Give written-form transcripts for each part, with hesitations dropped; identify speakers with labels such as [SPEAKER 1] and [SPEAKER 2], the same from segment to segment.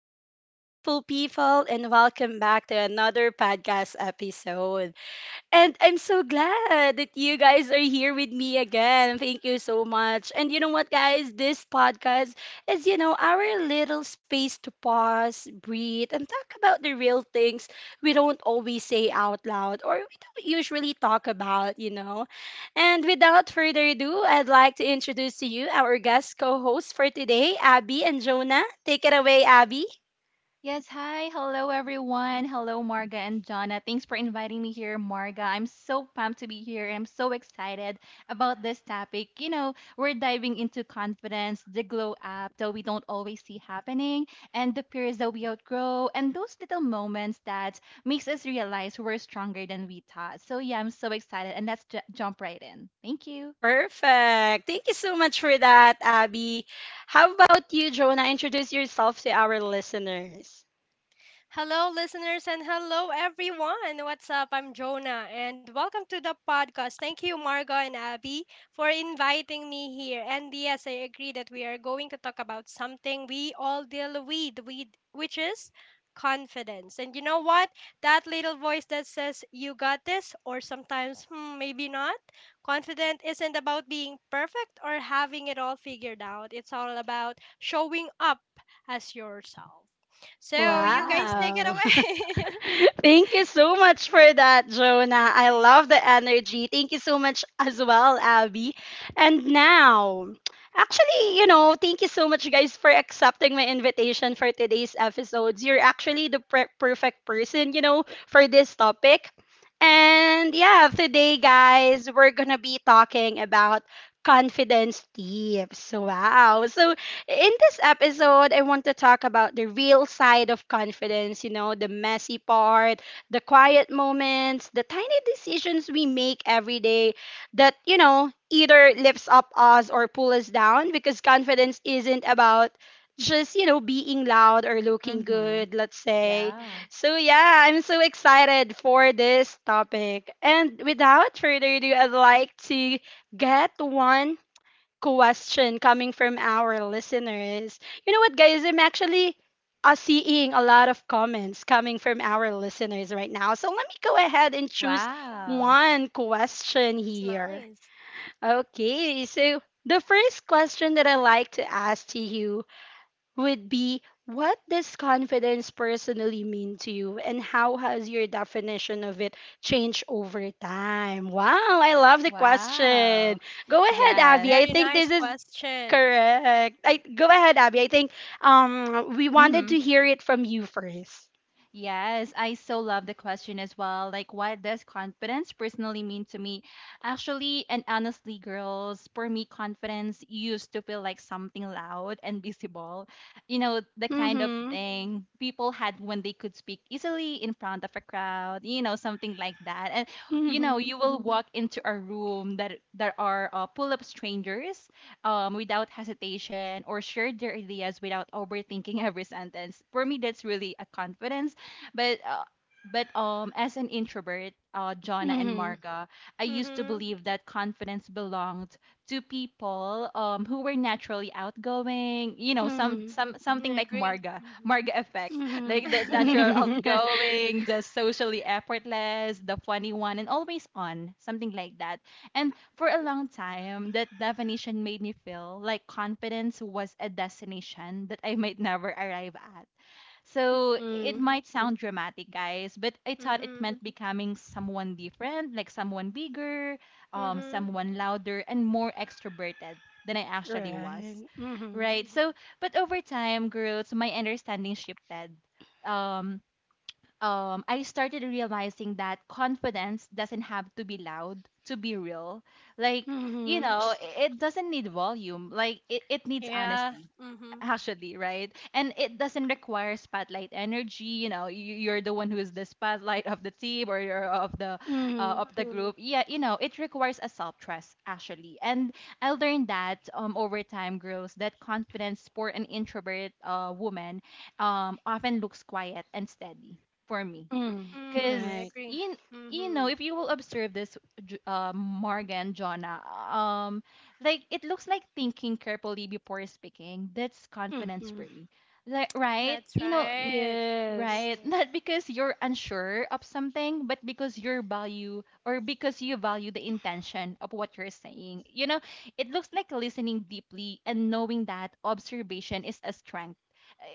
[SPEAKER 1] Hello, beautiful people, and welcome back to another podcast episode. And I'm so glad that you guys are here with me again. Thank you so much. And you know what, guys? This podcast is, you know, our little space to pause, breathe, and talk about the real things we don't always say out loud or we don't usually talk about, you know. And without further ado, I'd like to introduce to you our guest co hosts for today, Abby and Jonah. Take it away, Abby.
[SPEAKER 2] Yes, hi. Hello, everyone. Hello, Marga and Jonna. Thanks for inviting me here, Marga. I'm so pumped to be here, and I'm so excited about this topic. You know, we're diving into confidence, the glow up that we don't always see happening, and the fears that we outgrow, and those little moments that makes us realize we're stronger than we thought. So yeah, I'm so excited, and let's jump right in. Thank you.
[SPEAKER 1] Perfect. Thank you so much for that, Abby. How about you, Jonah? Introduce yourself to our listeners.
[SPEAKER 3] Hello, listeners, and hello, everyone. What's up? I'm Jonah, and welcome to the podcast. Thank you, Margo and Abby, for inviting me here. And yes, I agree that we are going to talk about something we all deal with which is confidence. And you know what? That little voice that says, you got this, or sometimes, maybe not. Confident isn't about being perfect or having it all figured out. It's all about showing up as yourself. So you guys
[SPEAKER 2] Wow.
[SPEAKER 3] take it
[SPEAKER 1] Wow.
[SPEAKER 3] away.
[SPEAKER 1] Thank you so much for that, Jonah. I love the energy. Thank you so much as well, Abby. And now, actually, you know, thank you so much, guys, for accepting my invitation for today's episodes. You're actually the perfect person, you know, for this topic. And yeah, today, guys, we're gonna be talking about confidence tips. Wow. So in this episode, I want to talk about the real side of confidence, you know, the messy part, the quiet moments, the tiny decisions we make every day that, you know, either lifts up us or pull us down because confidence isn't about just, you know, being loud or looking
[SPEAKER 2] Mm-hmm.
[SPEAKER 1] good, let's say.
[SPEAKER 2] Yeah.
[SPEAKER 1] So, yeah, I'm so excited for this topic. And without further ado, I'd like to get one question coming from our listeners. You know what, guys? I'm actually seeing a lot of comments coming from our listeners right now. So let me go ahead and choose
[SPEAKER 2] Wow.
[SPEAKER 1] one question
[SPEAKER 3] That's
[SPEAKER 1] here.
[SPEAKER 3] nice.
[SPEAKER 1] Okay, so the first question that I like to ask to you would be, what does confidence personally mean to you and how has your definition of it changed over time? Wow, I love the question.
[SPEAKER 2] Wow.
[SPEAKER 1] Go ahead,
[SPEAKER 3] It's a
[SPEAKER 1] Abby.
[SPEAKER 2] Yes.
[SPEAKER 1] I
[SPEAKER 3] very
[SPEAKER 1] think
[SPEAKER 3] nice
[SPEAKER 1] this is
[SPEAKER 3] question.
[SPEAKER 1] correct. I go ahead, Abby. I think we wanted to
[SPEAKER 2] Mm-hmm.
[SPEAKER 1] hear it from you first.
[SPEAKER 2] Yes, I so love the question as well. Like, what does confidence personally mean to me? Actually, and honestly, girls, for me, confidence used to feel like something loud and visible. You know, the kind of
[SPEAKER 1] Mhm.
[SPEAKER 2] thing people had when they could speak easily in front of a crowd, you know, something like that. And, you know,
[SPEAKER 1] Mhm.
[SPEAKER 2] you will walk into a room that there are full of strangers without hesitation or share their ideas without overthinking every sentence. For me, that's really a confidence but uh, but as an introvert, uh, Jonna and
[SPEAKER 1] Mhm.
[SPEAKER 2] Marga, I used to
[SPEAKER 3] Mhm.
[SPEAKER 2] believe that confidence belonged to people who were naturally outgoing, you know, some
[SPEAKER 1] Mhm.
[SPEAKER 2] some
[SPEAKER 3] I
[SPEAKER 2] something like
[SPEAKER 3] agree.
[SPEAKER 2] Marga,
[SPEAKER 3] Mhm.
[SPEAKER 2] Marga effect.
[SPEAKER 1] Mhm.
[SPEAKER 2] Like the natural outgoing, the socially effortless, the funny one and always on, something like that. And for a long time, that definition made me feel like confidence was a destination that I might never arrive at. So it
[SPEAKER 1] Mhm.
[SPEAKER 2] might sound dramatic, guys, but I thought it
[SPEAKER 3] Mhm.
[SPEAKER 2] meant becoming someone different, like someone bigger,
[SPEAKER 3] Mhm.
[SPEAKER 2] someone louder, and more extroverted than I actually was,
[SPEAKER 1] Right. Mhm.
[SPEAKER 2] right? But over time, girls, my understanding shifted. Um, I started realizing that confidence doesn't have to be loud to be real. Like, you
[SPEAKER 1] Mhm.
[SPEAKER 2] know, it doesn't need volume. Like, it needs
[SPEAKER 3] Yeah.
[SPEAKER 2] honesty
[SPEAKER 3] Mhm.
[SPEAKER 2] actually, right? And it doesn't require spotlight energy. You know, you, you're the one who is the spotlight of the team, or you're of the uh,
[SPEAKER 1] Mhm.
[SPEAKER 2] of the group, yeah. You know, it requires a self trust actually. And I learned that over time, girls, that confidence for an introvert, woman often looks quiet and steady for me,
[SPEAKER 1] Mhm.
[SPEAKER 3] Mhm. I
[SPEAKER 1] Right.
[SPEAKER 2] because
[SPEAKER 3] agree.
[SPEAKER 2] you know,
[SPEAKER 3] Mhm.
[SPEAKER 2] if you will observe this, Morgan, Jonah, like it looks like thinking carefully before speaking. That's confidence
[SPEAKER 1] Mhm.
[SPEAKER 2] for me. Like, right?
[SPEAKER 3] That's
[SPEAKER 2] You know,
[SPEAKER 3] right.
[SPEAKER 1] Yes.
[SPEAKER 2] right? Not because you're unsure of something, but because your value or because you value the intention of what you're saying. You know, it looks like listening deeply and knowing that observation is a strength.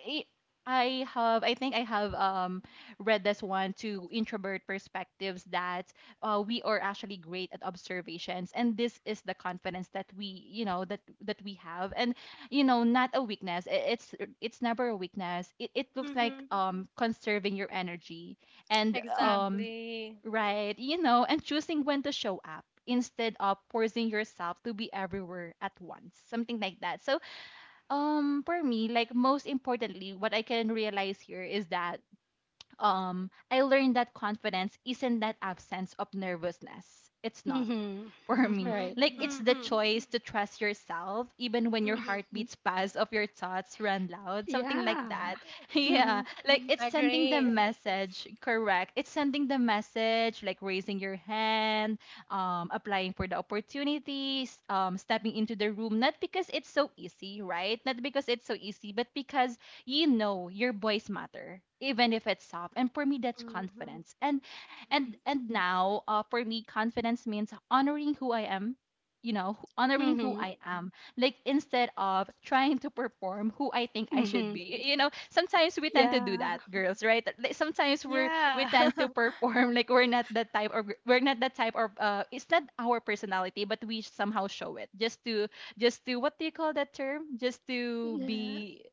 [SPEAKER 2] I I think I have read this one to introvert perspectives that we are actually great at observations, and this is the confidence that we, you know, that that we have. And you know, not a weakness. It's never a weakness. It looks like
[SPEAKER 3] Mhm.
[SPEAKER 2] conserving your energy and
[SPEAKER 1] Mhm.
[SPEAKER 3] Exactly.
[SPEAKER 2] right, you know, and choosing when to show up instead of forcing yourself to be everywhere at once, something like that. So for me, like, most importantly, what I can realize here is that I learned that confidence isn't that absence of nervousness. It's not
[SPEAKER 1] Mhm.
[SPEAKER 2] for me.
[SPEAKER 3] Mhm.
[SPEAKER 1] Right.
[SPEAKER 2] Like, it's the
[SPEAKER 3] Mhm.
[SPEAKER 2] choice to trust yourself even when your
[SPEAKER 3] Mhm.
[SPEAKER 2] heart beats fast of your thoughts run loud, something like
[SPEAKER 1] Yeah.
[SPEAKER 2] that. Yeah.
[SPEAKER 1] Mhm.
[SPEAKER 2] Like, it's
[SPEAKER 3] I
[SPEAKER 2] sending the
[SPEAKER 3] agree.
[SPEAKER 2] message, correct. It's sending the message, like raising your hand, applying for the opportunities, stepping into the room not because it's so easy, right? Not because it's so easy, but because you know your voice matter even if it's soft, and for me that's
[SPEAKER 3] Mhm.
[SPEAKER 2] confidence. And now, for me confidence means honoring who I am, you know, honoring who
[SPEAKER 1] Mhm.
[SPEAKER 2] I am, like instead of trying to perform who I think I should
[SPEAKER 1] Mhm.
[SPEAKER 2] be. You know, sometimes we tend to do
[SPEAKER 1] Yeah.
[SPEAKER 2] that, girls, right? Like, sometimes we
[SPEAKER 3] Yeah.
[SPEAKER 2] tend to perform like we're not that type of, we're not that type of it's not our personality, but we somehow show it just to, just to, what do you call that term, just to
[SPEAKER 1] Yeah.
[SPEAKER 2] be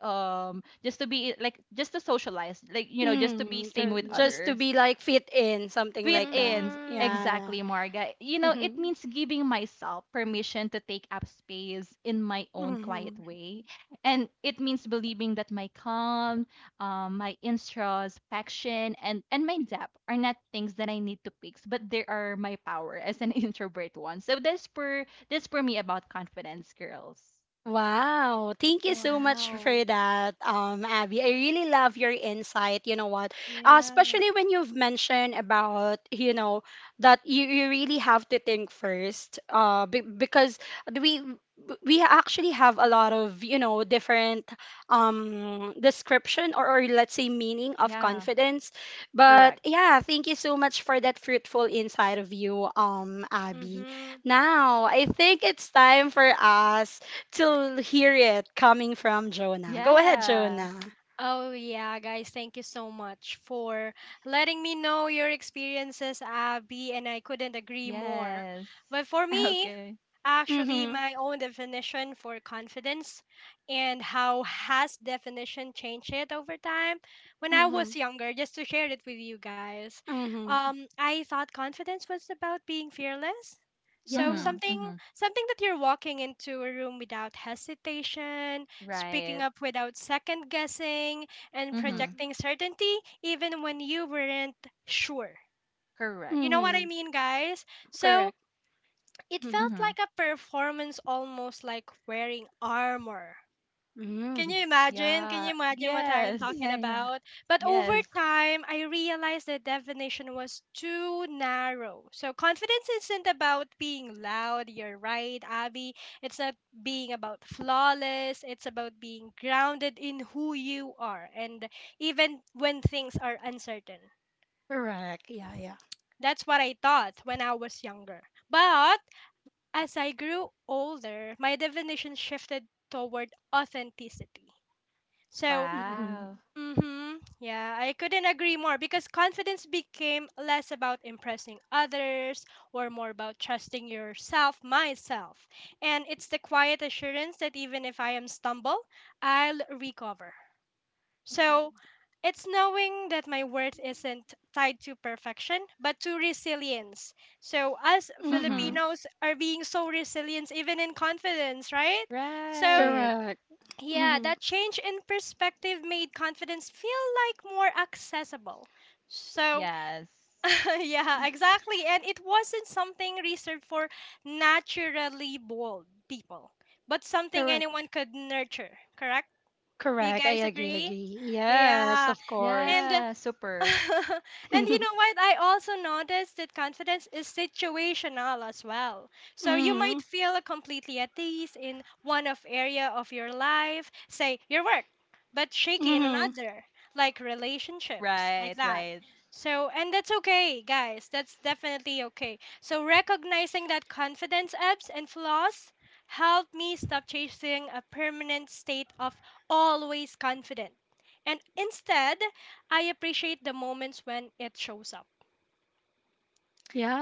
[SPEAKER 2] just to be, like, just to socialize, like, you know, just to be
[SPEAKER 1] Mm,
[SPEAKER 2] same with
[SPEAKER 1] just to
[SPEAKER 2] others.
[SPEAKER 1] be like fit in, something
[SPEAKER 2] Quit
[SPEAKER 1] like that.
[SPEAKER 2] ins.
[SPEAKER 1] Yeah,
[SPEAKER 3] Mhm.
[SPEAKER 1] yeah.
[SPEAKER 2] Exactly, Marga. You know, it
[SPEAKER 1] Mm-hmm.
[SPEAKER 2] means giving myself permission to take up space in my own quiet
[SPEAKER 1] Mm-hmm.
[SPEAKER 2] way. And it means believing that my calm, my introspection, and my depth are not things that I need to fix, but they are my power as an introvert one. So that's for me about confidence, girls.
[SPEAKER 1] Wow, thank you so much for
[SPEAKER 3] Wow.
[SPEAKER 1] that, Abby. I really love your insight. You know what?
[SPEAKER 3] Yeah.
[SPEAKER 1] Especially when you've mentioned about, you know, that you really have to think first, because we we actually have a lot of, you know, different description or let's say meaning of
[SPEAKER 2] Yeah,
[SPEAKER 1] confidence. But
[SPEAKER 2] correct.
[SPEAKER 1] yeah, thank you so much for that fruitful insight of you, Abby.
[SPEAKER 3] Mhm.
[SPEAKER 1] Now, I think it's time for us to hear it coming from Jonah. Go ahead,
[SPEAKER 2] Yeah,
[SPEAKER 1] Jonah.
[SPEAKER 3] Oh, yeah, guys, thank you so much for letting me know your experiences, Abby, and I couldn't agree more.
[SPEAKER 2] yes.
[SPEAKER 3] But for me,
[SPEAKER 2] Okay.
[SPEAKER 3] actually
[SPEAKER 1] Mm-hmm.
[SPEAKER 3] my own definition for confidence and how has definition changed it over time, when I was
[SPEAKER 1] Mm-hmm.
[SPEAKER 3] younger, just to share it with you guys,
[SPEAKER 1] Mm-hmm.
[SPEAKER 3] I thought confidence was about being fearless. So
[SPEAKER 2] Mm-hmm,
[SPEAKER 1] Yeah.
[SPEAKER 3] something
[SPEAKER 2] mm-hmm.
[SPEAKER 3] something that you're walking into a room without hesitation, speaking
[SPEAKER 2] Right.
[SPEAKER 3] up without second guessing, and
[SPEAKER 2] Mm-hmm.
[SPEAKER 1] Mm-hmm.
[SPEAKER 3] projecting certainty even when you weren't sure.
[SPEAKER 2] Correct.
[SPEAKER 3] You know what I
[SPEAKER 1] Mm-hmm.
[SPEAKER 3] mean, guys? So
[SPEAKER 1] Correct.
[SPEAKER 3] it
[SPEAKER 1] Mm-hmm.
[SPEAKER 3] felt
[SPEAKER 2] Mm-hmm.
[SPEAKER 3] like a performance, almost like wearing armor. Can
[SPEAKER 1] Mm-hmm.
[SPEAKER 3] you imagine? Can you
[SPEAKER 2] Yeah.
[SPEAKER 3] imagine what I am talking
[SPEAKER 2] Yes.
[SPEAKER 1] Yeah, yeah.
[SPEAKER 3] about? But over
[SPEAKER 2] Yes.
[SPEAKER 3] time, I realized the definition was too narrow. So, confidence isn't about being loud. You're right, Abby. It's not being about flawless. It's about being grounded in who you are and even when things are uncertain.
[SPEAKER 1] Correct. Yeah, yeah.
[SPEAKER 3] That's what I thought when I was younger. But as I grew older, my definition shifted toward authenticity. So,
[SPEAKER 1] Mm-hmm.
[SPEAKER 2] Wow.
[SPEAKER 3] mhm, yeah, I couldn't agree more because confidence became less about impressing others or more about trusting yourself, myself. And it's the quiet assurance that even if I am stumble, I'll recover. So it's knowing that my worth isn't tied to perfection, but to resilience. So us
[SPEAKER 2] Mm-hmm.
[SPEAKER 1] Mm-hmm.
[SPEAKER 3] Filipinos are being so resilient even in confidence, right? So
[SPEAKER 2] Right.
[SPEAKER 1] Correct.
[SPEAKER 3] yeah,
[SPEAKER 1] Mm-hmm.
[SPEAKER 3] that change in perspective made confidence feel like more accessible. So
[SPEAKER 2] Yes.
[SPEAKER 3] yeah, exactly. And it wasn't something reserved for naturally bold people, but something
[SPEAKER 1] Correct.
[SPEAKER 3] anyone could nurture, correct? Do you
[SPEAKER 1] Correct. I
[SPEAKER 3] guys
[SPEAKER 1] agree,
[SPEAKER 3] agree?
[SPEAKER 1] agree. Yes,
[SPEAKER 3] Yeah.
[SPEAKER 1] of
[SPEAKER 3] And
[SPEAKER 1] course.
[SPEAKER 2] Yeah. Super.
[SPEAKER 3] and you know what? I also noticed that confidence is situational as well. So you
[SPEAKER 1] Mm-hmm.
[SPEAKER 3] might feel completely at ease in one of area of your life, say your work, but shaky in
[SPEAKER 1] Mm-hmm.
[SPEAKER 3] another, like relationships, like
[SPEAKER 2] Right.
[SPEAKER 3] that.
[SPEAKER 2] Right.
[SPEAKER 3] So, and that's okay, guys. That's definitely okay. So, recognizing that confidence ebbs and flaws helped me stop chasing a permanent state of always confident, and instead I appreciate the moments when it shows up.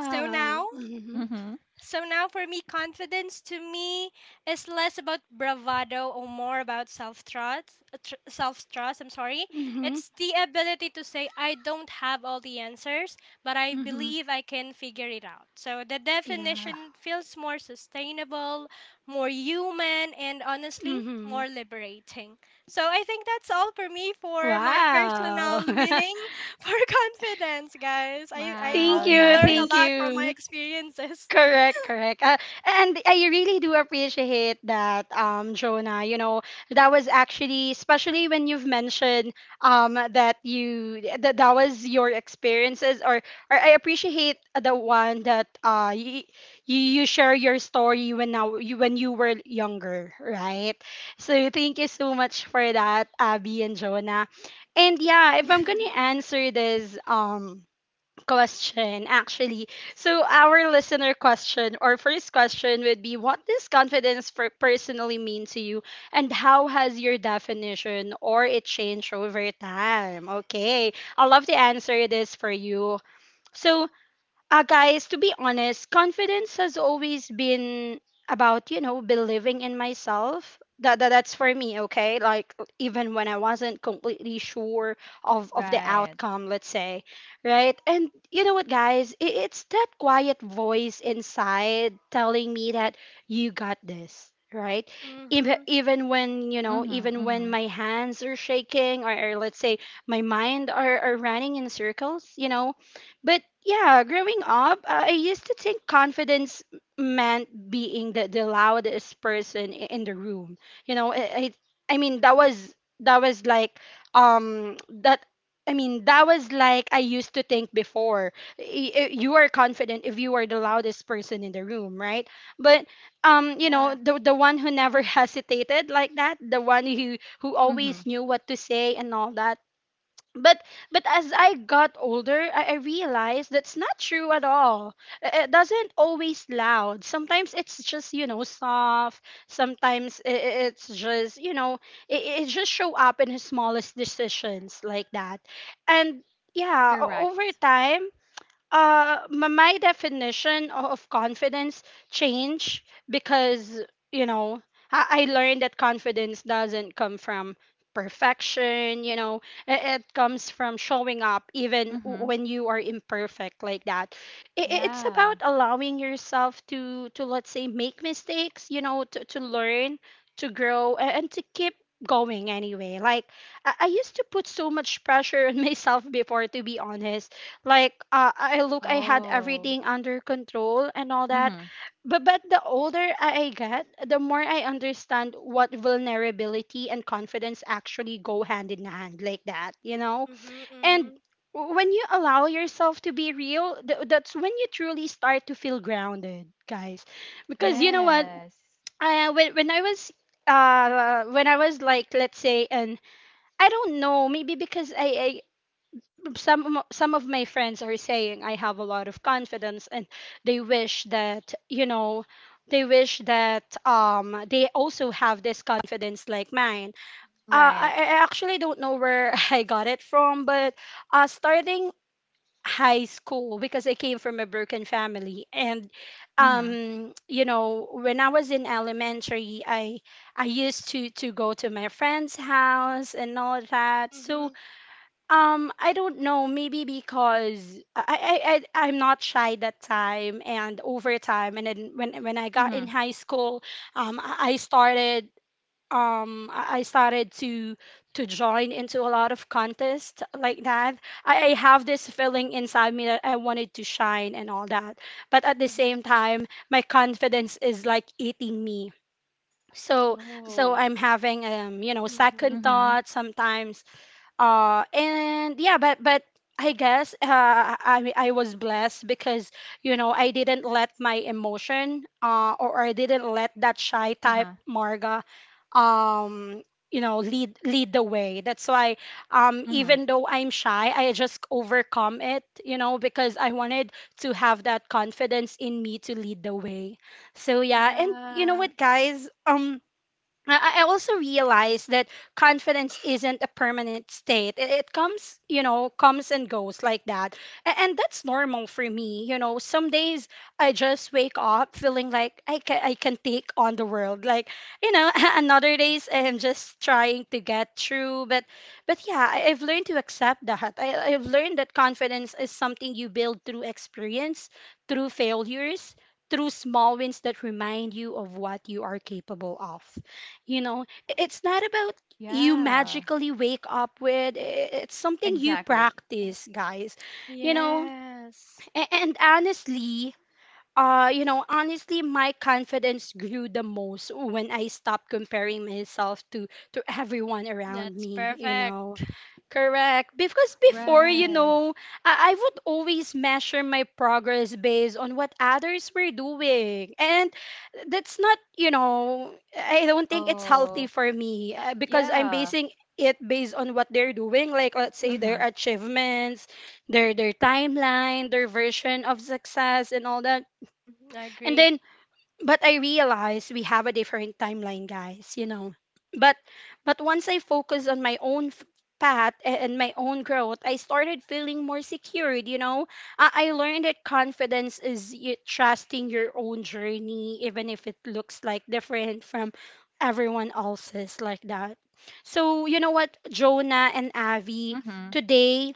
[SPEAKER 3] So now,
[SPEAKER 1] Mm-hmm.
[SPEAKER 2] Mm-hmm.
[SPEAKER 3] so now for me, confidence to me is less about bravado or more about self trust. Self trust. I'm sorry.
[SPEAKER 1] Mm-hmm.
[SPEAKER 3] It's the ability to say I don't have all the answers, but I
[SPEAKER 1] Mm-hmm.
[SPEAKER 3] believe I can figure it out. So the
[SPEAKER 1] Yeah.
[SPEAKER 3] definition feels more sustainable, more human, and honestly,
[SPEAKER 1] Mm-hmm.
[SPEAKER 3] more liberating. So I think that's all for me for my
[SPEAKER 1] Wow.
[SPEAKER 3] personal meaning for confidence, guys. I
[SPEAKER 1] Thank
[SPEAKER 2] Wow.
[SPEAKER 3] hope you
[SPEAKER 1] you,
[SPEAKER 3] learn a
[SPEAKER 1] thank
[SPEAKER 3] lot
[SPEAKER 2] Nice.
[SPEAKER 3] from my
[SPEAKER 1] you.
[SPEAKER 3] experiences.
[SPEAKER 1] Correct, correct. And I really do appreciate that, Jonah. You know, that was actually, especially when you've mentioned that you that that was your experiences, or I appreciate the one that you, you share your story when now you when you were younger, right? So thank you so much for that, Abby and Jonah. And yeah, if I'm gonna answer this, question, actually. So, our listener question or first question would be, what does confidence for personally mean to you, and how has your definition or it changed over time? Okay, I love to answer this for you. So, guys, to be honest, confidence has always been about, you know, believing in myself. That's for me, okay? Like even when I wasn't completely sure of the
[SPEAKER 2] Right.
[SPEAKER 1] outcome, let's say, right? And you know what, guys? It's that quiet voice inside telling me that you got this, right? Even
[SPEAKER 3] Mhm.
[SPEAKER 1] even when, you know,
[SPEAKER 2] Mm-hmm.
[SPEAKER 1] even when
[SPEAKER 2] Mm-hmm.
[SPEAKER 1] my hands are shaking or let's say my mind are running in circles, you know, but yeah, growing up, I used to think confidence meant being the loudest person in the room. You know, I mean that was like um that I mean that was like I used to think before. You are confident if you are the loudest person in the room, right? But you know,
[SPEAKER 3] Yeah.
[SPEAKER 1] the one who never hesitated like that, the one who
[SPEAKER 2] Mm-hmm.
[SPEAKER 1] always knew what to say and all that, but but as I got older, I realized that's not true at all. It doesn't always loud. Sometimes it's just, you know, soft. It's just, you know, it just show up in the smallest decisions like that, and yeah,
[SPEAKER 2] Correct.
[SPEAKER 1] over time my definition of confidence change because, you know, I learned that confidence doesn't come from perfection, you know, it comes from showing up even
[SPEAKER 2] Mm-hmm.
[SPEAKER 1] when you are imperfect like that. It's
[SPEAKER 2] Yeah.
[SPEAKER 1] about allowing yourself to let's say make mistakes, you know, to learn to grow and to keep going anyway. Like I used to put so much pressure on myself before, to be honest, like I look I had
[SPEAKER 2] Oh.
[SPEAKER 1] everything under control and all that,
[SPEAKER 2] Mm-hmm.
[SPEAKER 1] but the older I get the more I understand what vulnerability and confidence actually go hand in hand like that, you know,
[SPEAKER 3] Mhm.
[SPEAKER 1] and
[SPEAKER 3] Mhm.
[SPEAKER 1] when you allow yourself to be real, that's when you truly start to feel grounded, guys, because you know what,
[SPEAKER 2] Yes.
[SPEAKER 1] I, when, when I was when I was like, let's say, and I don't know, maybe because some of my friends are saying I have a lot of confidence and they wish that, you know, they wish that they also have this confidence like mine.
[SPEAKER 2] Right.
[SPEAKER 1] I actually don't know where I got it from, but starting high school, because I came from a broken family, and
[SPEAKER 2] Mm-hmm.
[SPEAKER 1] you know when I was in elementary I used to go to my friend's house and all that, so
[SPEAKER 3] Mhm.
[SPEAKER 1] I don't know. Maybe because I'm not shy that time, and over time, and then when I got in
[SPEAKER 2] Mm-hmm.
[SPEAKER 1] high school, I started um I I started to to join into a lot of contests like that. I have this feeling inside me that I wanted to shine and all that, but at the
[SPEAKER 3] Mhm.
[SPEAKER 1] same time, my confidence is like eating me. So so
[SPEAKER 3] Oh.
[SPEAKER 1] I'm having you know
[SPEAKER 3] Mhm.
[SPEAKER 1] second
[SPEAKER 2] Mm-hmm.
[SPEAKER 1] thoughts sometimes and yeah, but I guess I was blessed because, you know, I didn't let my emotion or I didn't let that shy type
[SPEAKER 2] Uh-huh.
[SPEAKER 1] Marga um you know lead the way. That's why
[SPEAKER 2] Mm-hmm.
[SPEAKER 1] even though I'm shy I just overcome it, you know, because I wanted to have that confidence in me to lead the way. So yeah, and you know
[SPEAKER 3] Yeah.
[SPEAKER 1] what, guys, I also realize that confidence isn't a permanent state. It comes, you know, comes and goes like that. And that's normal for me. You know, some days I just wake up feeling like I can take on the world. Like, you know, another days I'm just trying to get through. But yeah, I've learned to accept that. I've learned that confidence is something you build through experience, through failures, through small wins that remind you of what you are capable of. You know, it's not about you
[SPEAKER 2] Yeah.
[SPEAKER 1] magically wake up with, it's something you
[SPEAKER 2] Exactly.
[SPEAKER 1] practice, guys. You know,
[SPEAKER 3] Yes.
[SPEAKER 1] And honestly, you know, honestly, my confidence grew the most when I stopped comparing myself to everyone around
[SPEAKER 3] That's
[SPEAKER 1] me, you
[SPEAKER 3] perfect.
[SPEAKER 1] know. Correct. Because before, you
[SPEAKER 2] Right.
[SPEAKER 1] know, I would always measure my progress based on what others were doing. And that's not, you know, I don't think it's healthy
[SPEAKER 2] Oh,
[SPEAKER 1] for me, because I'm
[SPEAKER 2] yeah.
[SPEAKER 1] basing it based on what they're doing, like let's say their
[SPEAKER 2] Mhm.
[SPEAKER 1] achievements, their timeline, their version of success and all that,
[SPEAKER 3] Mm, I
[SPEAKER 1] and
[SPEAKER 3] agree.
[SPEAKER 1] then, but I realized we have a different timeline, guys, you know. But but once I focused on my own path and my own growth, I started feeling more secured, you know. I learned that confidence is trusting your own journey, even if it looks like different from everyone else's, like that. So, you know what, Jonah and Avi,
[SPEAKER 2] Mhm.
[SPEAKER 1] today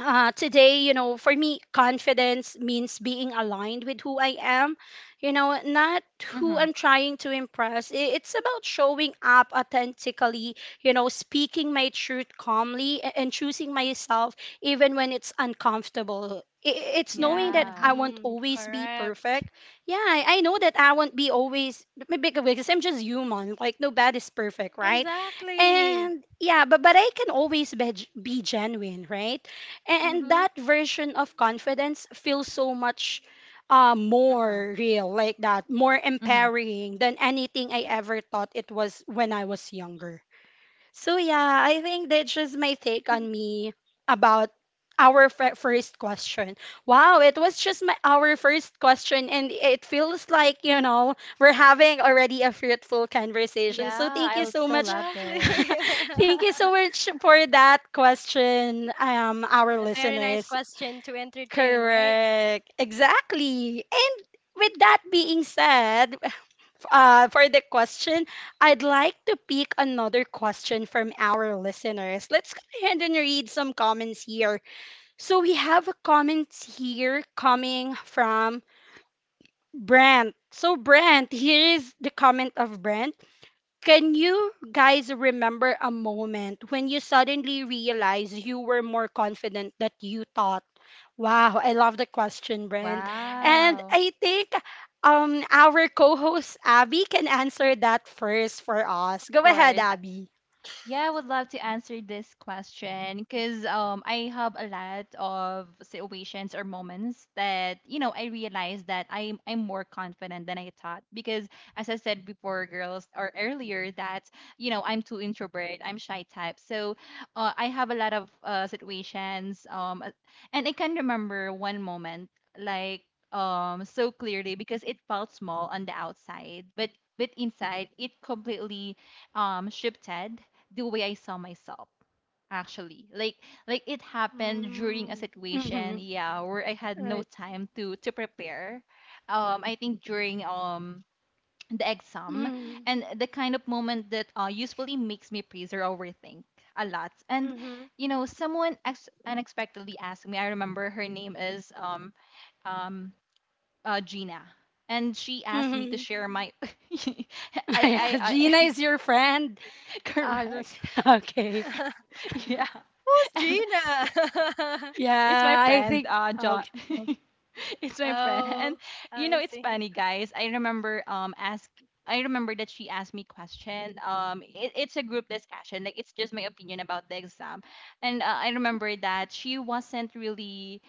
[SPEAKER 1] today, you know, for me, confidence means being aligned with who I am, you know, not who
[SPEAKER 2] Mhm.
[SPEAKER 1] I'm trying to impress. It's about showing up authentically, you know, speaking my truth calmly and choosing myself even when it's uncomfortable. It's knowing that
[SPEAKER 2] Yeah.
[SPEAKER 1] I won't
[SPEAKER 3] Mhm.
[SPEAKER 1] always be
[SPEAKER 3] Correct.
[SPEAKER 1] perfect. Yeah, I know that I won't be always maybe because I'm just human. Like nobody's perfect, right?
[SPEAKER 3] Exactly.
[SPEAKER 1] And yeah, but I can always be genuine, right? And
[SPEAKER 3] Mhm.
[SPEAKER 1] that version of confidence feels so much
[SPEAKER 2] Mhm.
[SPEAKER 1] more real, like that, more
[SPEAKER 2] Mhm.
[SPEAKER 1] empowering than anything I ever thought it was when I was younger. So yeah, I think that's just my take on me about our first question. Wow, it was just my our first question, and it feels like you know we're having already a fruitful conversation. So
[SPEAKER 2] Yeah,
[SPEAKER 1] thank
[SPEAKER 2] I
[SPEAKER 1] you so
[SPEAKER 2] also
[SPEAKER 1] much,
[SPEAKER 2] love
[SPEAKER 3] Exactly.
[SPEAKER 2] this.
[SPEAKER 1] thank you so much for that question, our
[SPEAKER 3] A very nice
[SPEAKER 1] listeners.
[SPEAKER 3] question to entertain, right?
[SPEAKER 1] Correct, exactly, and. With that being said, for the question. I'd like to pick another question from our listeners. Let's go ahead and read some comments here. So we have a comment here coming from Brent. So Brent, here is the comment of Brent. Can you guys remember a moment when you suddenly realized you were more confident that you thought? Wow, I love the question, Brent. And
[SPEAKER 2] Wow.
[SPEAKER 1] I think our co-host Abby can answer that first for us.
[SPEAKER 2] Of
[SPEAKER 1] Go ahead,
[SPEAKER 2] course,
[SPEAKER 1] Abby.
[SPEAKER 2] yeah, I would love to answer this question because I have a lot of situations or moments that you know I realized that I'm more confident than I thought, because as I said before, girls, or earlier, that you know I'm too introvert, I'm shy type. So I have a lot of situations, and I can remember one moment like so clearly because it felt small on the outside, but inside it completely shifted the way I saw myself actually. Like it happened during a
[SPEAKER 3] Mm.
[SPEAKER 2] situation,
[SPEAKER 1] Mm-hmm.
[SPEAKER 2] yeah, where I had no
[SPEAKER 1] Right.
[SPEAKER 2] time to prepare. I think during the exam,
[SPEAKER 1] Mm-hmm.
[SPEAKER 2] and the kind of moment that usually makes me freeze or overthink a lot. And
[SPEAKER 3] Mhm.
[SPEAKER 2] you know, someone unexpectedly asked me, I remember her name is um Gina, and she asked me to share my
[SPEAKER 1] Yeah. Gina
[SPEAKER 2] I
[SPEAKER 1] is your friend. Uh, just-
[SPEAKER 2] correct,
[SPEAKER 1] okay.
[SPEAKER 2] yeah.
[SPEAKER 3] Who's
[SPEAKER 2] And
[SPEAKER 3] Gina?
[SPEAKER 2] it's my
[SPEAKER 1] Yeah, I
[SPEAKER 2] friend,
[SPEAKER 1] think.
[SPEAKER 2] John.
[SPEAKER 1] Okay.
[SPEAKER 2] It's my friend. And
[SPEAKER 3] Oh,
[SPEAKER 2] you know,
[SPEAKER 3] I
[SPEAKER 2] it's
[SPEAKER 3] see.
[SPEAKER 2] funny, guys. I remember that she asked me question. It, it's a group discussion. Like, it's just my opinion about the exam, and I remember that she wasn't really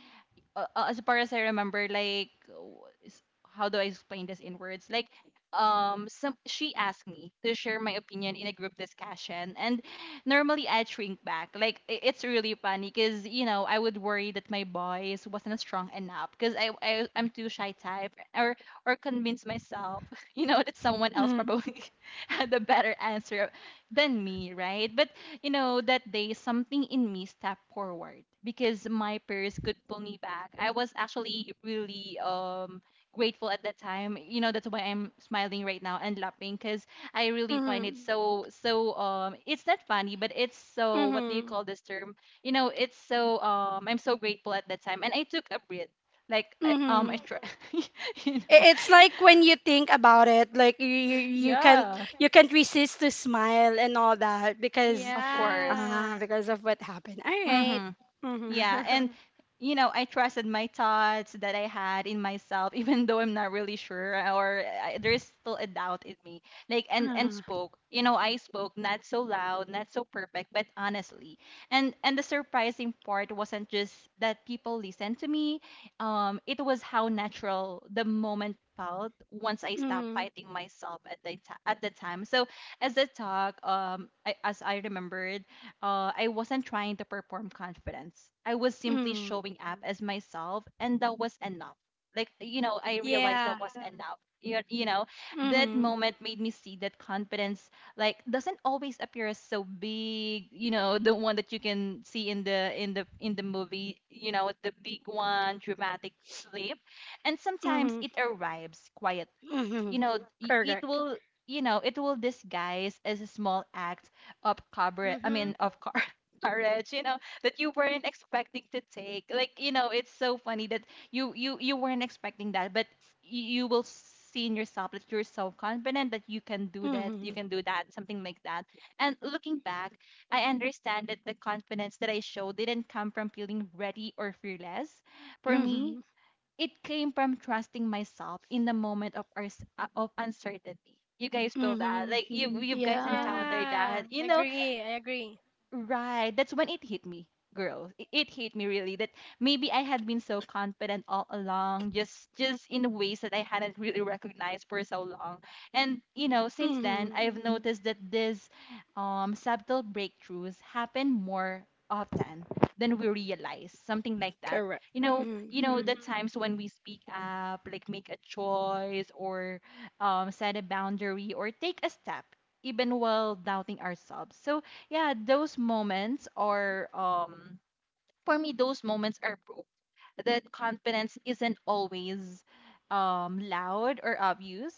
[SPEAKER 2] as far as I remember, like how do I explain this in words? Like, some she asked me to share my opinion in a group discussion, and normally I shrink back. Like, it's really funny because you know I would worry that my voice wasn't strong enough because I'm too shy type, or convince myself you know that someone else
[SPEAKER 1] Mm-hmm.
[SPEAKER 2] probably had a better answer than me, right? But you know, that day something in me stepped forward because my peers could pull me back. I was actually really grateful at that time. You know, that's why I'm smiling right now and laughing, because I really find it
[SPEAKER 1] Mm-hmm.
[SPEAKER 2] so, so it's not funny, but it's so, what do you call this term? You know, it's so I'm so grateful at that time and I took a breath. Like, I
[SPEAKER 1] Mm-hmm.
[SPEAKER 2] try, you know.
[SPEAKER 1] It's like when you think about it, like you you can't
[SPEAKER 2] Yeah.
[SPEAKER 1] you can't resist to smile and all that because
[SPEAKER 2] Of
[SPEAKER 1] Uh,
[SPEAKER 3] Yeah.
[SPEAKER 2] course.
[SPEAKER 1] because of what happened. All right.
[SPEAKER 2] Mhm.
[SPEAKER 1] Mhm.
[SPEAKER 2] Yeah, and you know, I trusted my thoughts that I had in myself, even though I'm not really sure, or I, there is still a doubt in me. Like, and
[SPEAKER 1] Uh-huh.
[SPEAKER 2] spoke. You know, I spoke not so loud, not so perfect, but honestly. And the surprising part wasn't just that people listened to me. It was how natural the moment felt once I stopped
[SPEAKER 1] Mhm.
[SPEAKER 2] fighting myself at the at the time. So as I talk, as I remembered I wasn't trying to perform confidence. I was simply
[SPEAKER 1] Mhm.
[SPEAKER 2] showing up as myself, and that was enough. Like, you know, I realized that
[SPEAKER 3] Yeah.
[SPEAKER 2] was enough. You know, that
[SPEAKER 1] Mhm.
[SPEAKER 2] moment made me see that confidence, like, doesn't always appear as so big. You know, the one that you can see in the movie. You know, the big one, dramatic leap, and sometimes
[SPEAKER 1] Mhm.
[SPEAKER 2] it arrives quietly. You
[SPEAKER 1] Mhm.
[SPEAKER 2] know, it
[SPEAKER 1] Correct.
[SPEAKER 2] will, you know, it will disguise as a small act of coverage, I mean
[SPEAKER 3] Mm-hmm.
[SPEAKER 2] of car courage, you know, that you weren't expecting to take. Like, you know, it's so funny that you weren't expecting that, but you will see in yourself that you're so confident that you can do that, you
[SPEAKER 1] Mhm.
[SPEAKER 2] can do that, something like that. And looking back, I understand that the confidence that I showed didn't come from feeling ready or fearless for me.
[SPEAKER 1] Mhm.
[SPEAKER 2] It came from trusting myself in the moment of our, of uncertainty. You guys feel that,
[SPEAKER 1] Mhm.
[SPEAKER 2] like, you guys
[SPEAKER 1] Yeah.
[SPEAKER 2] encountered that,
[SPEAKER 3] Yeah,
[SPEAKER 2] you
[SPEAKER 3] I
[SPEAKER 2] know.
[SPEAKER 3] agree. I agree.
[SPEAKER 2] Right. That's when it hit me, girls. It hit me really that maybe I had been so confident all along, just in ways that I hadn't really recognized for so long. And you know, since then,
[SPEAKER 1] Mhm.
[SPEAKER 2] I've noticed that these subtle breakthroughs happen more often than we realize. Something like that.
[SPEAKER 1] Correct.
[SPEAKER 2] You know,
[SPEAKER 1] Mhm.
[SPEAKER 2] you know the
[SPEAKER 3] Mhm.
[SPEAKER 2] times when we speak up, like make a choice or set a boundary or take a step even while doubting ourselves. So yeah, those moments are for me, those moments are proof that confidence isn't always loud or obvious.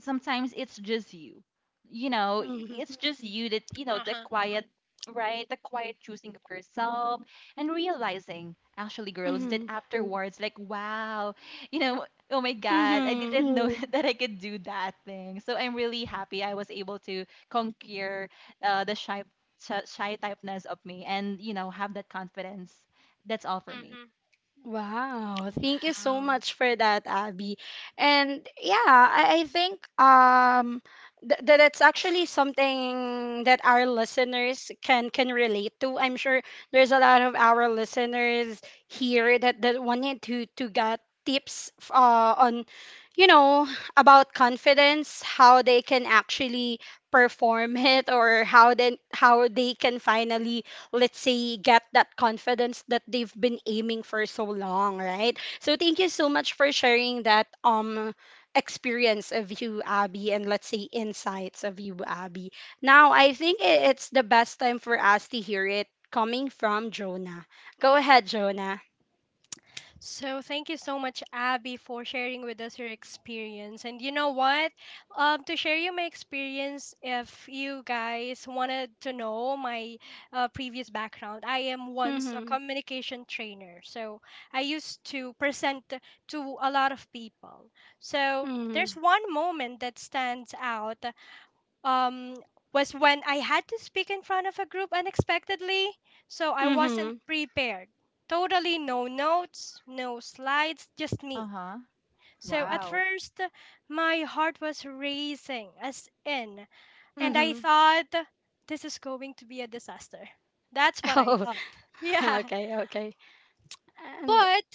[SPEAKER 2] Sometimes it's just you. You know,
[SPEAKER 1] Mhm.
[SPEAKER 2] it's just you that, the
[SPEAKER 3] Uh-huh.
[SPEAKER 2] quiet, choosing of yourself, and realizing, actually, girls, that
[SPEAKER 1] Mhm.
[SPEAKER 2] afterwards, like, wow, oh my god, I
[SPEAKER 1] Mhm.
[SPEAKER 2] didn't know that I could do that thing. So I'm really happy I was able to conquer the shy shy typeness of me and have that confidence. That's all for me.
[SPEAKER 3] Mhm.
[SPEAKER 1] Wow, thank you so
[SPEAKER 3] Wow.
[SPEAKER 1] much for that, Abby. And yeah, I think that that's actually something that our listeners can relate to. I'm sure there's a lot of our listeners here that that wanted to get tips on you know about confidence, how they can actually perform it or how then how they can finally let's say, get that confidence that they've been aiming for so long, right? So thank you so much for sharing that experience of you, Abby, and let's say insights of you, Abby. Now, I think it's the best time for us to hear it coming from Jonah. Go ahead, Jonah.
[SPEAKER 3] So thank you so much, Abby, for sharing with us your experience. And you know what? To share you my experience, if you guys wanted to know my previous background, I am once a
[SPEAKER 1] Mm-hmm.
[SPEAKER 3] communication trainer. So I used to present to a lot of people. So
[SPEAKER 1] Mm-hmm.
[SPEAKER 3] there's one moment that stands out. um, was when I had to speak in front of a group unexpectedly, so I wasn't
[SPEAKER 1] Mm-hmm.
[SPEAKER 3] prepared. Totally no notes, no slides, just me.
[SPEAKER 2] Uh-huh.
[SPEAKER 3] So at
[SPEAKER 2] Wow.
[SPEAKER 3] first, my heart was racing, as in, and I
[SPEAKER 1] Mm-hmm.
[SPEAKER 3] thought, this is going to be a disaster. That's what I
[SPEAKER 1] Oh,
[SPEAKER 3] thought. Yeah.
[SPEAKER 1] okay, okay. And
[SPEAKER 3] But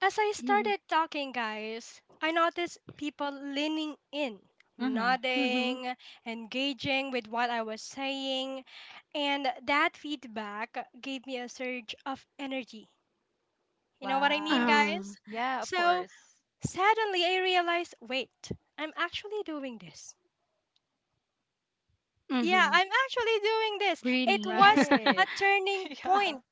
[SPEAKER 3] as I
[SPEAKER 1] mm-hmm.
[SPEAKER 3] started talking, guys, I noticed people leaning in,
[SPEAKER 2] Mm-hmm.
[SPEAKER 1] Mm-hmm.
[SPEAKER 3] nodding, engaging with what I was saying, and that feedback gave me a surge of energy. You know what I mean,
[SPEAKER 2] Wow.
[SPEAKER 1] Uh,
[SPEAKER 3] guys?
[SPEAKER 2] Yeah, of
[SPEAKER 3] So
[SPEAKER 2] course.
[SPEAKER 3] suddenly I realized, wait, I'm actually doing this. Yeah,
[SPEAKER 1] mm-hmm.
[SPEAKER 3] I'm actually doing this. It
[SPEAKER 1] Really?
[SPEAKER 3] was a
[SPEAKER 2] Right.
[SPEAKER 3] turning
[SPEAKER 2] Yeah.
[SPEAKER 3] point.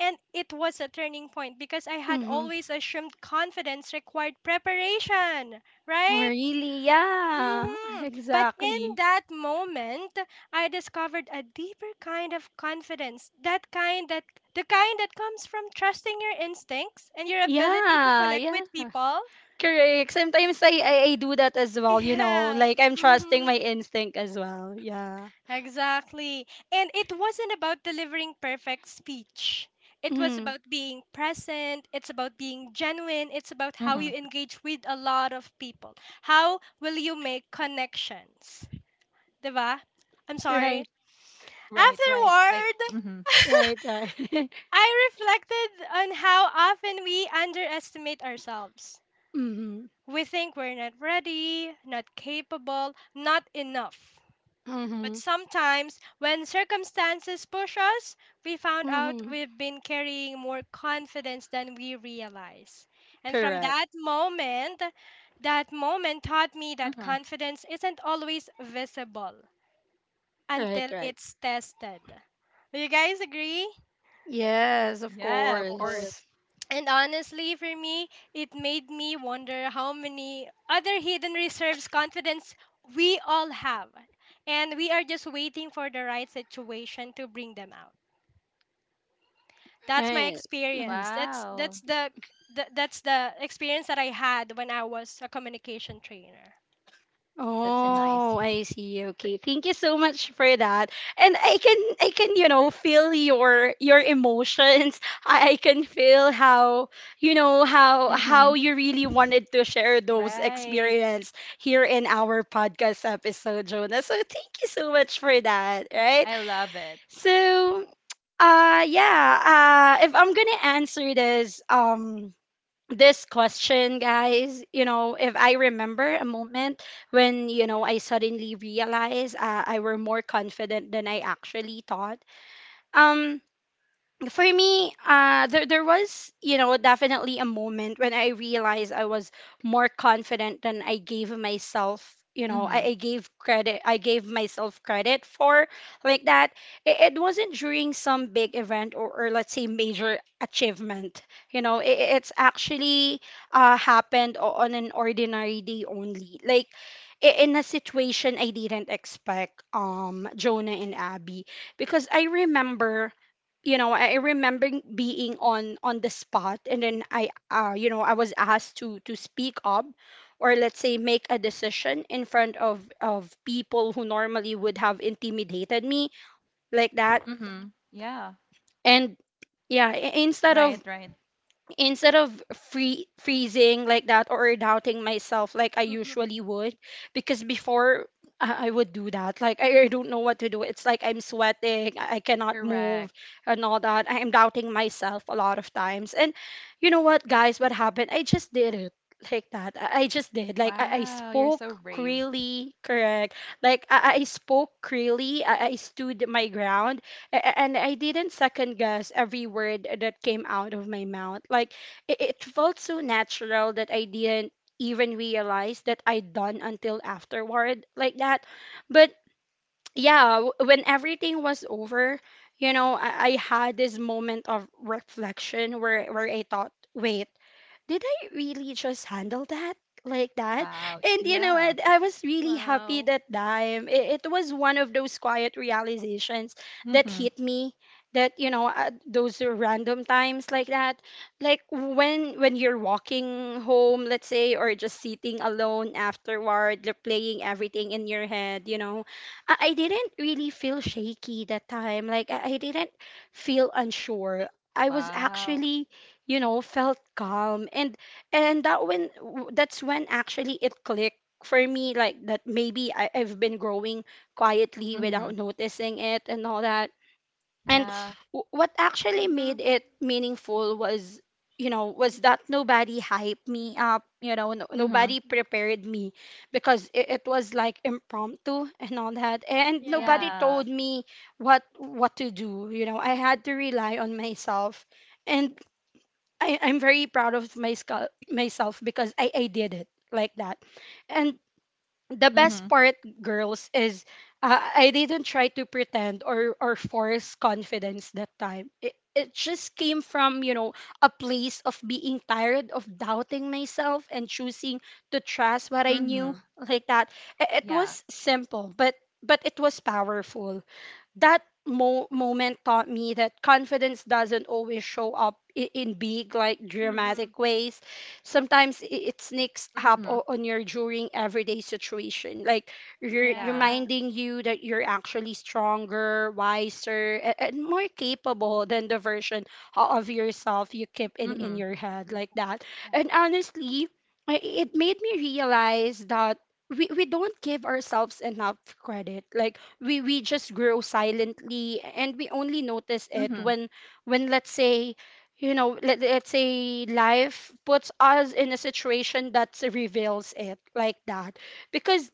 [SPEAKER 3] And it was a turning point because I had
[SPEAKER 1] mhm.
[SPEAKER 3] always assumed confidence required preparation,
[SPEAKER 1] Oh,
[SPEAKER 3] right?
[SPEAKER 1] really? Yeah,
[SPEAKER 3] Mm-hmm. But in
[SPEAKER 1] exactly.
[SPEAKER 3] that moment, I discovered a deeper kind of confidence. That kind that the kind that comes from trusting your instincts and your ability to
[SPEAKER 1] Yeah,
[SPEAKER 3] connect
[SPEAKER 1] yeah.
[SPEAKER 3] with people.
[SPEAKER 1] Correct. Sometimes I I do that as well, you know,
[SPEAKER 3] Yeah.
[SPEAKER 1] like I'm trusting
[SPEAKER 3] Mm-hmm.
[SPEAKER 1] my instinct as well. Yeah.
[SPEAKER 3] Exactly. And it wasn't about delivering perfect speech. It was
[SPEAKER 1] Mm,
[SPEAKER 3] about being present. It's about being genuine. It's about how you
[SPEAKER 2] Mm-hmm.
[SPEAKER 3] engage with a lot of people. How will you make connections? Diba? I'm
[SPEAKER 1] right,
[SPEAKER 3] sorry.
[SPEAKER 2] Right, right, like,
[SPEAKER 3] Afterward,
[SPEAKER 2] mm-hmm.
[SPEAKER 1] right, right.
[SPEAKER 3] I reflected on how often we underestimate ourselves.
[SPEAKER 1] mm-hmm,
[SPEAKER 3] We think we're not ready, not capable, not enough. But
[SPEAKER 1] mm-hmm,
[SPEAKER 3] sometimes, when circumstances push us, we found out
[SPEAKER 1] mm-hmm.
[SPEAKER 3] we've been carrying more confidence than we realize. And from
[SPEAKER 1] Correct.
[SPEAKER 3] that moment taught me that
[SPEAKER 2] Mm-hmm.
[SPEAKER 3] confidence isn't always visible
[SPEAKER 1] Right,
[SPEAKER 3] until
[SPEAKER 1] right.
[SPEAKER 3] it's tested. Do you guys agree?
[SPEAKER 1] Yes,
[SPEAKER 2] Yes,
[SPEAKER 1] of
[SPEAKER 2] yeah, of course.
[SPEAKER 1] course.
[SPEAKER 2] course
[SPEAKER 3] And honestly, for me, it made me wonder how many other hidden reserves confidence we all have. And we are just waiting for the right situation to bring them out. That's my
[SPEAKER 1] Right. Mhm.
[SPEAKER 3] experience. That's that's
[SPEAKER 2] Wow.
[SPEAKER 3] the, the that's the experience that I had when I was a communication trainer.
[SPEAKER 2] That's a nice
[SPEAKER 1] Oh,
[SPEAKER 2] one.
[SPEAKER 1] I see. Okay. Thank you so much for that. And I can, you know, feel your emotions. I can feel how, you know,
[SPEAKER 2] Mm-hmm.
[SPEAKER 1] how you really wanted to share those
[SPEAKER 2] Right.
[SPEAKER 1] experience here in our podcast episode, Jonah. So thank you so much for that, right?
[SPEAKER 2] I love it.
[SPEAKER 1] So, yeah, if I'm going to answer this this question, guys, you know, if I remember a moment when, you know, I suddenly realized I were more confident than I actually thought. Um, for me, there there was you know definitely a moment when I realized I was more confident than I gave myself. You know,
[SPEAKER 2] Mm-hmm.
[SPEAKER 1] I gave credit. I gave myself credit for like that. It wasn't during some big event or let's say major achievement. You know, it's actually happened on an ordinary day only. Like in a situation I didn't expect. Jonah and Abby, because I remember you know I remember being on the spot and then I you know I was asked to speak up or let's say make a decision in front of people who normally would have intimidated me like that
[SPEAKER 2] Mm-hmm. Yeah.
[SPEAKER 1] and yeah
[SPEAKER 2] Right, right.
[SPEAKER 1] instead of freezing like that or doubting myself like I
[SPEAKER 3] Hmm.
[SPEAKER 1] usually would because before I would do that. Like I don't know what to do. It's like I'm sweating, I cannot move
[SPEAKER 2] Correct.
[SPEAKER 1] and all that. I am doubting myself a lot of times. And you know what, guys, what happened? I just did it like that. I just did. Like I
[SPEAKER 2] Wow. You're so
[SPEAKER 1] spoke
[SPEAKER 2] brave.
[SPEAKER 1] clearly, correct. Like I spoke clearly. I stood my ground and I didn't second guess every word that came out of my mouth. Like it felt so natural that I didn't even realize that I'd done until afterward, like that. But yeah, when everything was over, you know, I had this moment of reflection where I thought, wait, did I really just handle that like that?
[SPEAKER 2] Wow.
[SPEAKER 1] And you know
[SPEAKER 2] Yeah.
[SPEAKER 1] what? I was really happy
[SPEAKER 3] Wow.
[SPEAKER 1] that time. It was one of those quiet realizations that
[SPEAKER 2] Mm-hmm.
[SPEAKER 1] hit me. That you know, those random times like that, like when you're walking home, let's say, or just sitting alone afterward, replaying everything in your head. You know, I didn't really feel shaky that time. Like I didn't feel unsure. I was
[SPEAKER 2] Wow.
[SPEAKER 1] actually you know felt calm and that when that's when actually it clicked for me like that maybe I've been growing quietly
[SPEAKER 2] Mhm.
[SPEAKER 1] without noticing it and all that and
[SPEAKER 2] Yeah.
[SPEAKER 1] what actually
[SPEAKER 3] Mhm.
[SPEAKER 1] made it meaningful was you know was that nobody hyped me up you know no,
[SPEAKER 2] Mhm.
[SPEAKER 1] nobody prepared me because it was like impromptu and all that and
[SPEAKER 3] Yeah.
[SPEAKER 1] nobody
[SPEAKER 2] Yeah.
[SPEAKER 1] told me what to do you know I had to rely on myself and I'm very proud of my myself because I did it like that. And the best
[SPEAKER 2] Mhm.
[SPEAKER 1] part, girls, is I didn't try to pretend or force confidence that time. It just came from, you know, a place of being tired of doubting myself and choosing to trust what I knew
[SPEAKER 2] Mhm.
[SPEAKER 1] like that. It
[SPEAKER 2] Yeah.
[SPEAKER 1] was simple, but it was powerful that moment taught me that confidence doesn't always show up in big like
[SPEAKER 3] Mhm.
[SPEAKER 1] dramatic ways sometimes it sneaks up
[SPEAKER 2] Mhm.
[SPEAKER 1] on your during everyday situation like
[SPEAKER 2] Yeah.
[SPEAKER 3] Yeah.
[SPEAKER 1] reminding you that you're actually stronger wiser and more capable than the version of yourself you keep in
[SPEAKER 2] Mhm.
[SPEAKER 1] your head like that and honestly it made me realize that we don't give ourselves enough credit like we just grow silently and we only notice it
[SPEAKER 2] Mhm.
[SPEAKER 1] when let's say you know let's say life puts us in a situation that reveals it like that because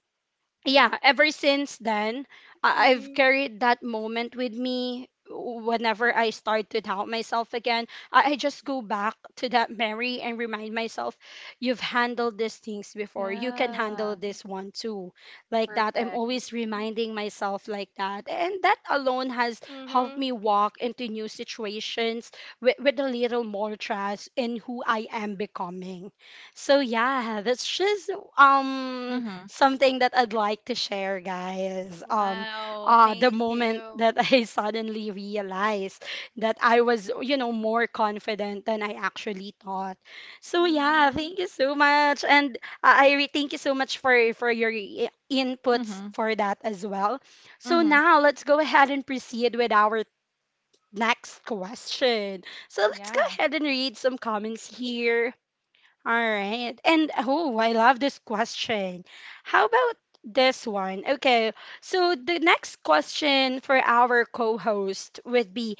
[SPEAKER 1] yeah, ever since then, I've
[SPEAKER 3] Mhm.
[SPEAKER 1] carried that moment with me whenever I start to doubt myself again. I just go back to that memory and remind myself, you've handled these things before. You can handle
[SPEAKER 2] Yeah.
[SPEAKER 1] this one too. Like that. I'm
[SPEAKER 2] Perfect.
[SPEAKER 1] always reminding myself like that. And that alone has helped
[SPEAKER 3] Mhm.
[SPEAKER 1] me walk into new situations with a little more trust in who I am becoming. So yeah, that's just um
[SPEAKER 2] Mhm.
[SPEAKER 1] something that I'd like to share, guys.
[SPEAKER 3] Wow.
[SPEAKER 1] The
[SPEAKER 3] Thank
[SPEAKER 1] moment
[SPEAKER 3] you.
[SPEAKER 1] that I suddenly realized that I was, you know, more confident than I actually thought. So yeah,
[SPEAKER 3] Mhm.
[SPEAKER 1] thank you so much, and thank you so much for your inputs
[SPEAKER 2] Mhm.
[SPEAKER 1] for that as well. So
[SPEAKER 2] Mhm.
[SPEAKER 1] now let's go ahead and proceed with our next question. So let's go
[SPEAKER 2] Yeah.
[SPEAKER 1] ahead and read some comments here. All right. And oh, I love this question. How about this one? Okay. So the next question for our co-host would be: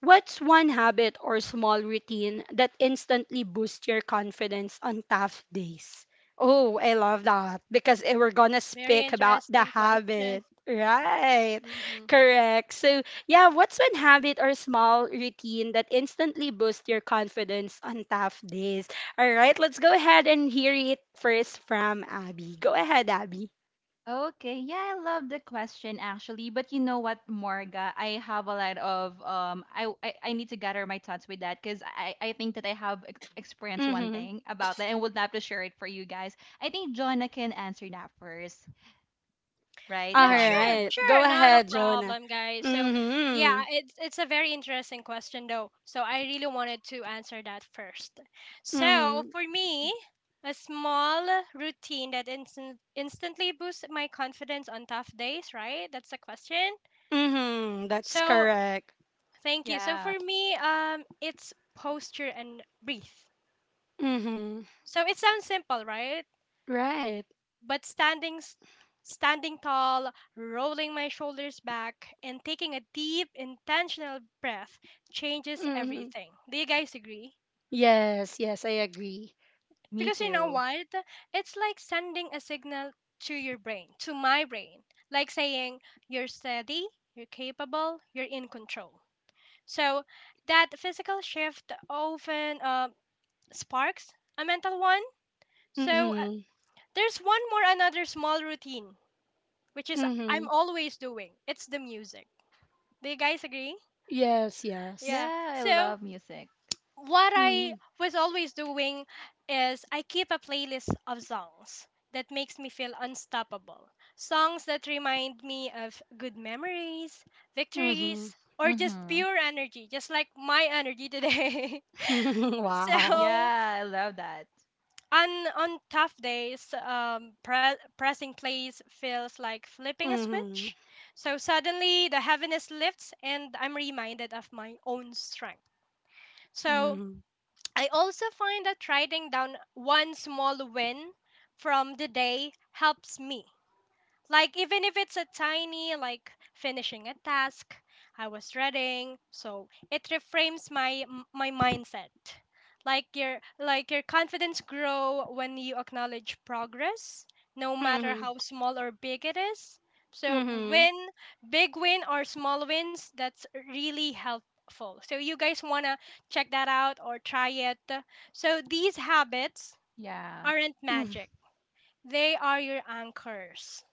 [SPEAKER 1] what's one habit or small routine that instantly boosts your confidence on tough days? Oh, I love that because eh, we're gonna
[SPEAKER 3] Very
[SPEAKER 1] speak about the
[SPEAKER 3] interesting question.
[SPEAKER 1] habit. Right,
[SPEAKER 3] Mm-hmm.
[SPEAKER 1] correct. So, yeah, what's one habit or small routine that instantly boosts your confidence on tough days? All right, let's go ahead and hear it first from Abby. Go ahead, Abby.
[SPEAKER 2] Okay. Yeah, I love the question, actually. But you know what, Morga? I have a lot of I need to gather my thoughts with that, because I think that I have experienced one
[SPEAKER 1] Mm-hmm.
[SPEAKER 2] thing about that and would love to share it for you guys. I think Jonah can answer that first. Right,
[SPEAKER 1] All
[SPEAKER 3] Yeah, sure,
[SPEAKER 2] Jonna?
[SPEAKER 1] right, go
[SPEAKER 3] sure, not a
[SPEAKER 1] ahead, Jonah.
[SPEAKER 3] problem, guys. So, yeah,
[SPEAKER 1] Mm-hmm.
[SPEAKER 3] it's a very interesting question though. So I really wanted to answer that first. So
[SPEAKER 1] Mm-hmm.
[SPEAKER 3] for me, a small routine that instantly boosts my confidence on tough days, right? That's the question.
[SPEAKER 1] Mm-hmm. That's
[SPEAKER 3] So
[SPEAKER 1] correct.
[SPEAKER 3] thank you. So
[SPEAKER 2] Yeah,
[SPEAKER 3] for me, it's posture and breathe.
[SPEAKER 1] Mm-hmm.
[SPEAKER 3] So it sounds simple, right?
[SPEAKER 1] Right.
[SPEAKER 3] But standing tall, rolling my shoulders back and taking a deep intentional breath changes
[SPEAKER 1] Mm-hmm.
[SPEAKER 3] everything. Do you guys agree?
[SPEAKER 1] Yes, yes, I agree.
[SPEAKER 2] me
[SPEAKER 3] Because you know
[SPEAKER 2] too.
[SPEAKER 3] what? It's like sending a signal to your brain, to my brain, like saying you're steady, you're capable, you're in control. So that physical shift often sparks a mental one. So
[SPEAKER 1] Mm-hmm.
[SPEAKER 3] there's one more another small routine which is I'm
[SPEAKER 1] Mm-hmm.
[SPEAKER 3] always doing. It's the music. Do you guys agree?
[SPEAKER 1] Yes, yes.
[SPEAKER 3] Yeah.
[SPEAKER 2] Yeah, I
[SPEAKER 3] So
[SPEAKER 2] love music.
[SPEAKER 3] what I
[SPEAKER 1] Mm-hmm.
[SPEAKER 3] was always doing is I keep a playlist of songs that makes me feel unstoppable. Songs that remind me of good memories,
[SPEAKER 1] Mm-hmm.
[SPEAKER 3] victories, or just
[SPEAKER 2] Mm-hmm.
[SPEAKER 3] pure energy, just like my energy today.
[SPEAKER 1] Wow.
[SPEAKER 3] So
[SPEAKER 2] Yeah, I love that.
[SPEAKER 3] on tough days, pressing plays feels like flipping a
[SPEAKER 1] Mm-hmm.
[SPEAKER 3] switch. So suddenly the heaviness lifts, and I'm reminded of my own strength. So
[SPEAKER 1] Mm-hmm.
[SPEAKER 3] I also find that writing down one small win from the day helps me, like, even if it's a tiny, like finishing a task I was dreading, so it reframes my mindset. Like your confidence grow when you acknowledge progress, no matter
[SPEAKER 1] Mm-hmm.
[SPEAKER 3] how small or big it is. So
[SPEAKER 1] Mm-hmm.
[SPEAKER 3] win, big win or small wins, that's really helpful. So you guys wanna check that out or try it. So these habits
[SPEAKER 2] Yeah,
[SPEAKER 3] aren't magic.
[SPEAKER 1] Mm-hmm,
[SPEAKER 3] They are your anchors.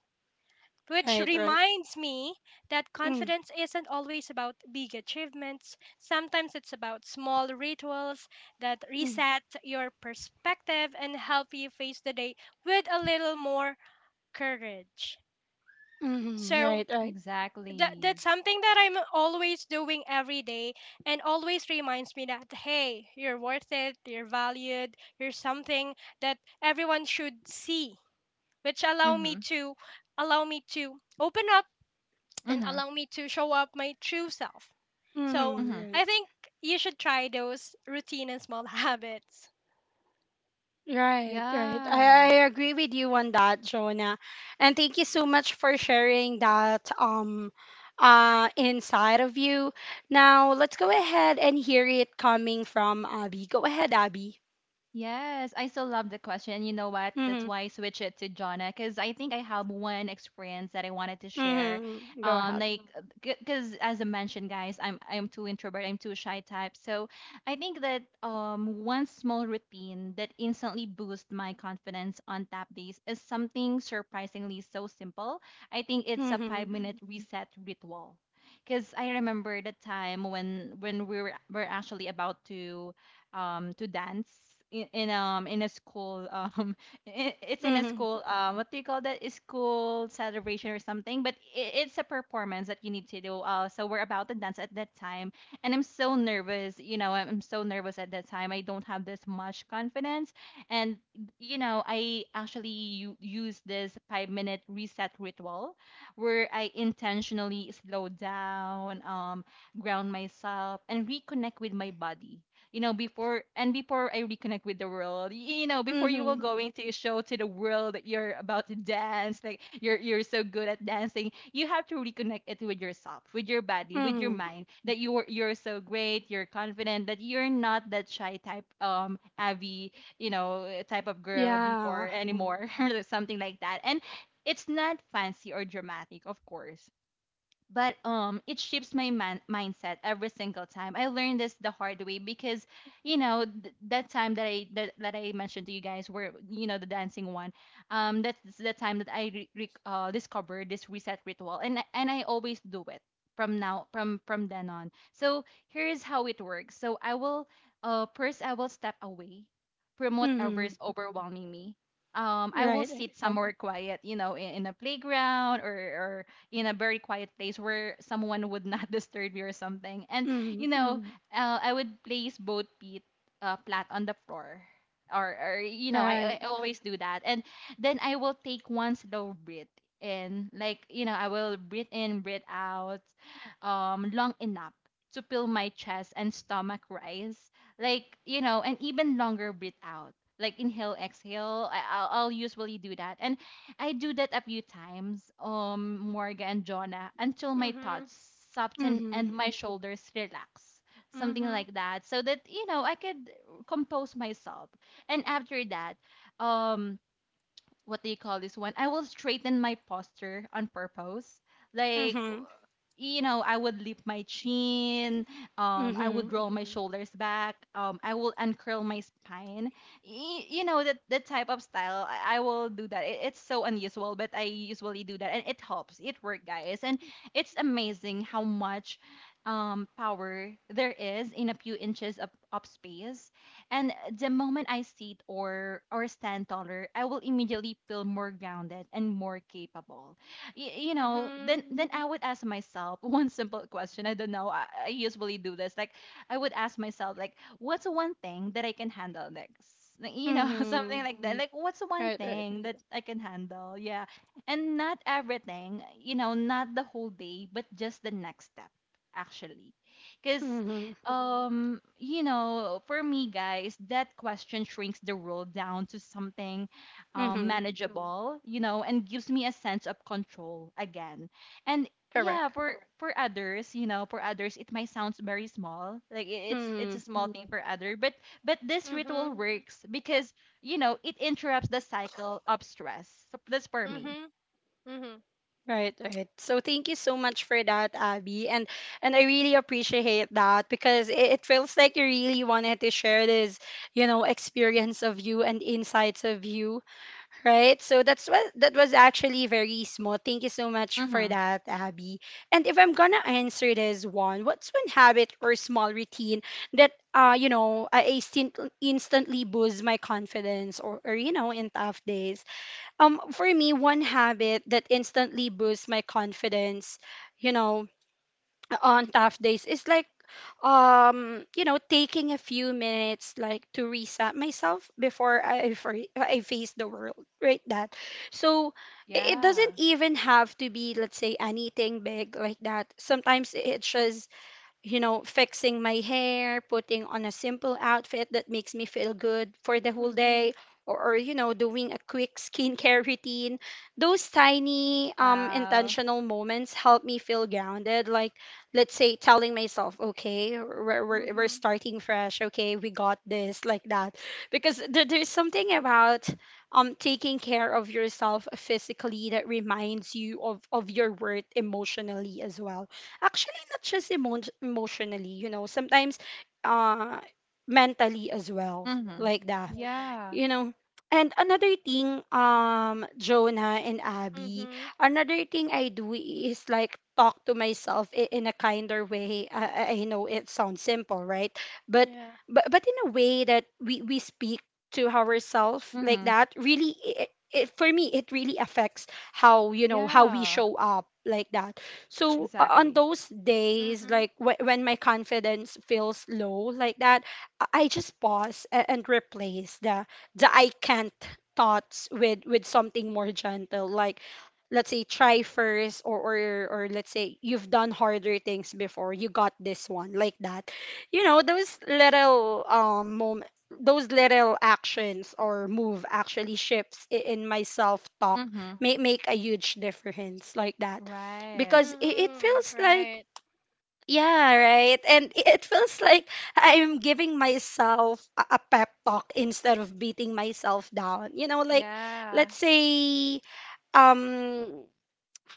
[SPEAKER 3] Which
[SPEAKER 1] right, right.
[SPEAKER 3] reminds me that
[SPEAKER 1] Mm-hmm.
[SPEAKER 3] confidence isn't always about big achievements. Sometimes it's about small rituals that
[SPEAKER 1] Mm-hmm.
[SPEAKER 3] reset your perspective and help you face the day with a little more courage.
[SPEAKER 1] Mm-hmm,
[SPEAKER 3] So
[SPEAKER 1] right, right.
[SPEAKER 3] that
[SPEAKER 2] exactly.
[SPEAKER 3] that's something that I'm always doing every day and always reminds me that hey, you're worth it, you're valued, you're something that everyone should see, which
[SPEAKER 2] Mm-hmm.
[SPEAKER 3] allow me to open up and
[SPEAKER 2] Mm-hmm.
[SPEAKER 3] allow me to show up my true self. So
[SPEAKER 1] Mm-hmm.
[SPEAKER 2] Mm-hmm.
[SPEAKER 1] Right.
[SPEAKER 3] I think you should try those routine and small habits.
[SPEAKER 1] Right, right.
[SPEAKER 2] Yeah.
[SPEAKER 1] I agree with you on that, Jonah. And thank you so much for sharing that inside of you. Now let's go ahead and hear it coming from Abby. Go ahead, Abby.
[SPEAKER 2] Yes, I still love the question. You know what? That's
[SPEAKER 1] Mm-hmm.
[SPEAKER 2] why I switch it to Jonna, because I think I have one experience that I wanted to share.
[SPEAKER 1] Mm-hmm. Go
[SPEAKER 2] Um,
[SPEAKER 1] ahead.
[SPEAKER 2] like, because as I mentioned, guys, I'm too introvert. I'm too shy type. So I think that one small routine that instantly boosts my confidence on tap days is something surprisingly so simple. I think it's a five
[SPEAKER 1] Mm-hmm.
[SPEAKER 2] minute reset ritual. Because I remember the time when we were actually about to dance in a school I it's in a
[SPEAKER 1] Mm-hmm.
[SPEAKER 2] school. What do you call that? A school celebration or something, but I it's a performance that you need to do. So we're about to dance at that time. And I'm so nervous, I'm so nervous at that time, I don't have this much confidence. And I actually use this 5-minute reset ritual, where I intentionally slow down, ground myself and reconnect with my body. You know, before, and before I reconnect with the world, before you
[SPEAKER 1] Mm-hmm.
[SPEAKER 2] will going to show to the world that you're about to dance, like you're so good at dancing, you have to reconnect it with yourself, with your body, with your
[SPEAKER 1] Mm-hmm.
[SPEAKER 2] mind, that you're so great, you're confident, that you're not that shy type, Abby, you know, type of girl before
[SPEAKER 1] Yeah.
[SPEAKER 2] anymore. Or something like that. And it's not fancy or dramatic, of course, but it shifts my mindset every single time. I learned this the hard way, because you know th- that time that I mentioned to you guys, where you know the dancing one, that's the time that I discovered this reset ritual, and and I always do it from now, from then on. So here's how it works. So I will, first, I will step away from whatever
[SPEAKER 1] Mm-hmm.
[SPEAKER 2] is overwhelming me. Um, I will
[SPEAKER 1] Right.
[SPEAKER 2] sit somewhere quiet, you know, in a playground, or in a very quiet place where someone would not disturb you or something. And
[SPEAKER 1] Mm-hmm.
[SPEAKER 2] you know, I would place both feet, flat on the floor. Or you know,
[SPEAKER 1] Right.
[SPEAKER 2] I always do that. And then I will take one slow breath in, like, you know, I will breathe in, breathe out, long enough to feel my chest and stomach rise, like, you know, and even longer breathe out, like, inhale, exhale. I'll usually do that, and I do that a few times, Morga and Jonah, until my
[SPEAKER 3] Mhm.
[SPEAKER 2] thoughts soften
[SPEAKER 1] Mm-hmm.
[SPEAKER 2] and my shoulders relax. Something
[SPEAKER 3] Mhm.
[SPEAKER 2] like that. So that, you know, I could compose myself. And after that, um, what do you call this one? I will straighten my posture on purpose. Like,
[SPEAKER 1] Mm-hmm.
[SPEAKER 2] you know, I would lift my chin, I
[SPEAKER 1] Mm-hmm.
[SPEAKER 2] would roll my shoulders back, I will uncurl my spine. Y- you know, that, that type of style, I will do that. It, it's so unusual, but I usually do that and it helps. It works, guys. And it's amazing how much power there is in a few inches of space, and the moment I sit or stand taller, I will immediately feel more grounded and more capable. Y- you know,
[SPEAKER 3] Mhm.
[SPEAKER 2] then I would ask myself one simple question. I don't know. I usually do this. Like I would ask myself, like, what's one thing that I can handle next? Like, you know, something
[SPEAKER 1] Mm-hmm.
[SPEAKER 2] like that. Mm. Like, what's one
[SPEAKER 1] Right, right.
[SPEAKER 2] thing that I can handle? Yeah. And not everything, you know, not the whole day, but just the next step, actually. Because
[SPEAKER 1] Mm-hmm.
[SPEAKER 2] you know, for me, guys, that question shrinks the role down to something
[SPEAKER 1] Mm-hmm.
[SPEAKER 2] manageable, you know, and gives me a sense of control again. And yeah,
[SPEAKER 1] Correct.
[SPEAKER 2] for Correct. For others, you know, for others it might sound very small, like I- it's
[SPEAKER 1] Mm-hmm.
[SPEAKER 2] a small thing, mm, for other, but this ritual
[SPEAKER 3] Mhm.
[SPEAKER 2] works, because you know it interrupts the cycle of stress. So that's for me.
[SPEAKER 3] Mhm. Mhm.
[SPEAKER 1] Right, right. So thank you so much for that, Abby. And I really appreciate that because it feels like you really wanted to share this, you know, experience of you and insights of you, right? So that's what that was actually very smooth. Thank you so much for
[SPEAKER 2] Mm-hmm.
[SPEAKER 1] that, Abby. And if I'm gonna answer this one, what's one habit or small routine that you know, I instantly boosts my confidence or you know, in tough days? For me, one habit that instantly boosts my confidence, you know, on tough days is like, you know, taking a few minutes like to reset myself before I face the world, right? That. So it doesn't even have to be, let's say, anything big like that. Sometimes it's just you know, fixing my hair, putting on a simple outfit that makes me feel good for the whole
[SPEAKER 3] Mhm.
[SPEAKER 1] day, or you know, doing a quick skincare routine. Those tiny,
[SPEAKER 2] Wow.
[SPEAKER 1] intentional moments help me feel grounded. Like, let's say, telling myself, okay, we're
[SPEAKER 3] Mhm.
[SPEAKER 1] starting fresh, okay, we got this, like that. Because there's something about taking care of yourself physically that reminds you of your worth emotionally as well. Actually, not just emotionally, you know, sometimes uh mentally as well,
[SPEAKER 2] Mm-hmm. Makes sense.
[SPEAKER 1] like that
[SPEAKER 2] Yeah.
[SPEAKER 1] you know. And another thing Jonah and Abby,
[SPEAKER 3] Mhm.
[SPEAKER 1] another thing I do is like talk to myself in a kinder way I know it sounds simple right, but
[SPEAKER 3] Yeah.
[SPEAKER 1] but in a way that we speak to ourselves like
[SPEAKER 2] Mm-hmm.
[SPEAKER 1] that really it, it, for me it really affects how you know how we
[SPEAKER 2] Yeah.
[SPEAKER 1] show up like that. So on
[SPEAKER 2] Exactly.
[SPEAKER 1] those days
[SPEAKER 3] Mhm.
[SPEAKER 1] like when my confidence feels low like that, I just pause and replace the I can't thoughts with something more gentle like, let's say try first or let's say you've done harder things before you got this one like that, you know those little moment, those little actions or move actually shifts in my self talk,
[SPEAKER 2] Mm-hmm.
[SPEAKER 1] may make a huge difference like that.
[SPEAKER 2] Right.
[SPEAKER 1] Because it
[SPEAKER 3] Mhm.
[SPEAKER 1] feels like
[SPEAKER 3] Right.
[SPEAKER 1] yeah, right. And it feels like I'm giving myself a pep talk instead of beating myself down. You know, like
[SPEAKER 2] Yeah.
[SPEAKER 1] let's say um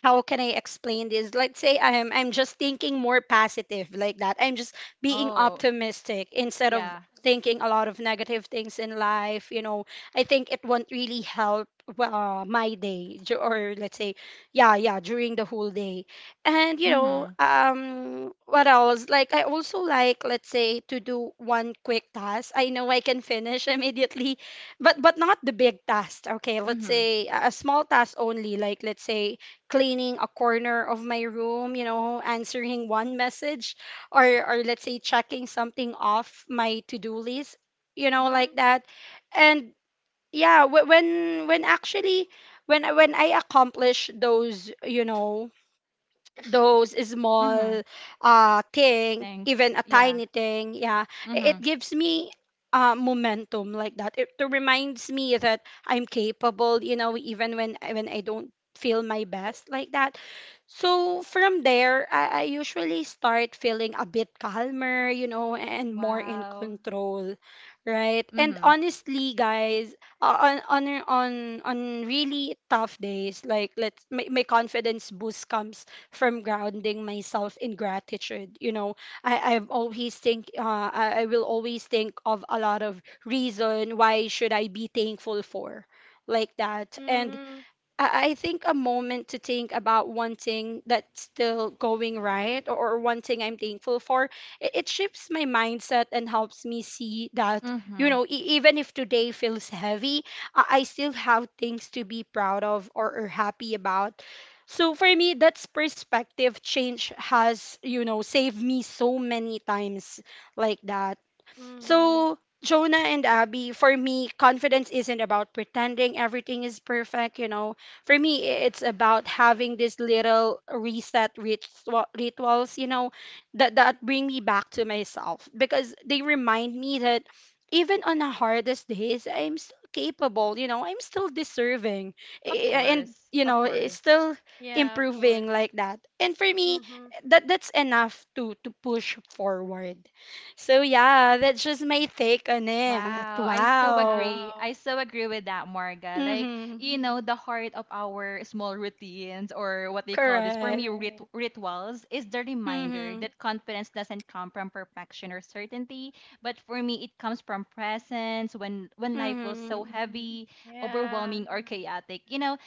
[SPEAKER 1] how can I explain this? Let's say I'm just thinking more positive like that. I'm just being
[SPEAKER 2] Oh,
[SPEAKER 1] optimistic instead of
[SPEAKER 2] yeah.
[SPEAKER 1] thinking a lot of negative things in life. You know, I think it won't really help my day or let's say yeah during the whole day. And you know
[SPEAKER 2] Mhm.
[SPEAKER 1] what else? Like I also like let's say to do one quick task. I know I can finish immediately, but not the big task. Okay, let's
[SPEAKER 2] Mhm.
[SPEAKER 1] say a small task only. Like let's say cleaning a corner of my room, you know, answering one message or let's say checking something off my to-do list, you know, like
[SPEAKER 3] Mhm.
[SPEAKER 1] that. And yeah, when actually when I accomplish those, you know, those
[SPEAKER 2] Mhm.
[SPEAKER 1] small thing
[SPEAKER 2] Thanks.
[SPEAKER 1] even a
[SPEAKER 2] Yeah.
[SPEAKER 1] tiny thing yeah, it
[SPEAKER 2] Mhm.
[SPEAKER 1] gives me momentum like that, it reminds me that I'm capable you know even when I don't feel my best like that. So from there I usually start feeling a bit calmer you know and more in
[SPEAKER 2] Wow.
[SPEAKER 1] control, right. And
[SPEAKER 2] Mhm.
[SPEAKER 1] honestly guys, on really tough days like let's my, my confidence boost comes from grounding myself in gratitude. You know, I, I've always think I will always think of a lot of reason why should I be thankful for like that. And
[SPEAKER 3] Mhm.
[SPEAKER 1] I think a moment to think about one thing that's still going right or one thing I'm thankful for, it shifts my mindset and helps me see that, you
[SPEAKER 2] Mhm.
[SPEAKER 1] know, even if today feels heavy, I still have things to be proud of or happy about. So for me, that's perspective change has, you know, saved me so many times like that.
[SPEAKER 3] Mhm.
[SPEAKER 1] So, Jonah and Abby, for me, confidence isn't about pretending everything is perfect, you know. For me, it's about having these little reset ritual, rituals, you know, that that bring me back to myself because they remind me that even on the hardest days, I'm still capable, you know, I'm still deserving,
[SPEAKER 2] Of
[SPEAKER 1] and
[SPEAKER 2] course.
[SPEAKER 1] you
[SPEAKER 2] Of
[SPEAKER 1] know,
[SPEAKER 2] course.
[SPEAKER 1] still
[SPEAKER 3] Yeah, of
[SPEAKER 1] improving like
[SPEAKER 3] course.
[SPEAKER 1] that. And for me,
[SPEAKER 3] Mhm.
[SPEAKER 1] that that's enough to push forward. So yeah, that's just my take on it.
[SPEAKER 2] Wow, I so
[SPEAKER 1] Wow.
[SPEAKER 2] agree. I
[SPEAKER 3] Wow.
[SPEAKER 2] so agree with that, Marga. Like,
[SPEAKER 1] Mhm.
[SPEAKER 2] you know, the heart of our small routines, or what they call this, for
[SPEAKER 1] Correct.
[SPEAKER 2] me, rit- Correct. rituals, is the reminder
[SPEAKER 1] Mhm.
[SPEAKER 2] that confidence doesn't come from perfection or certainty, but for me it comes from presence. When life was so
[SPEAKER 1] Mhm.
[SPEAKER 2] heavy,
[SPEAKER 3] Yeah.
[SPEAKER 2] overwhelming or chaotic, you know,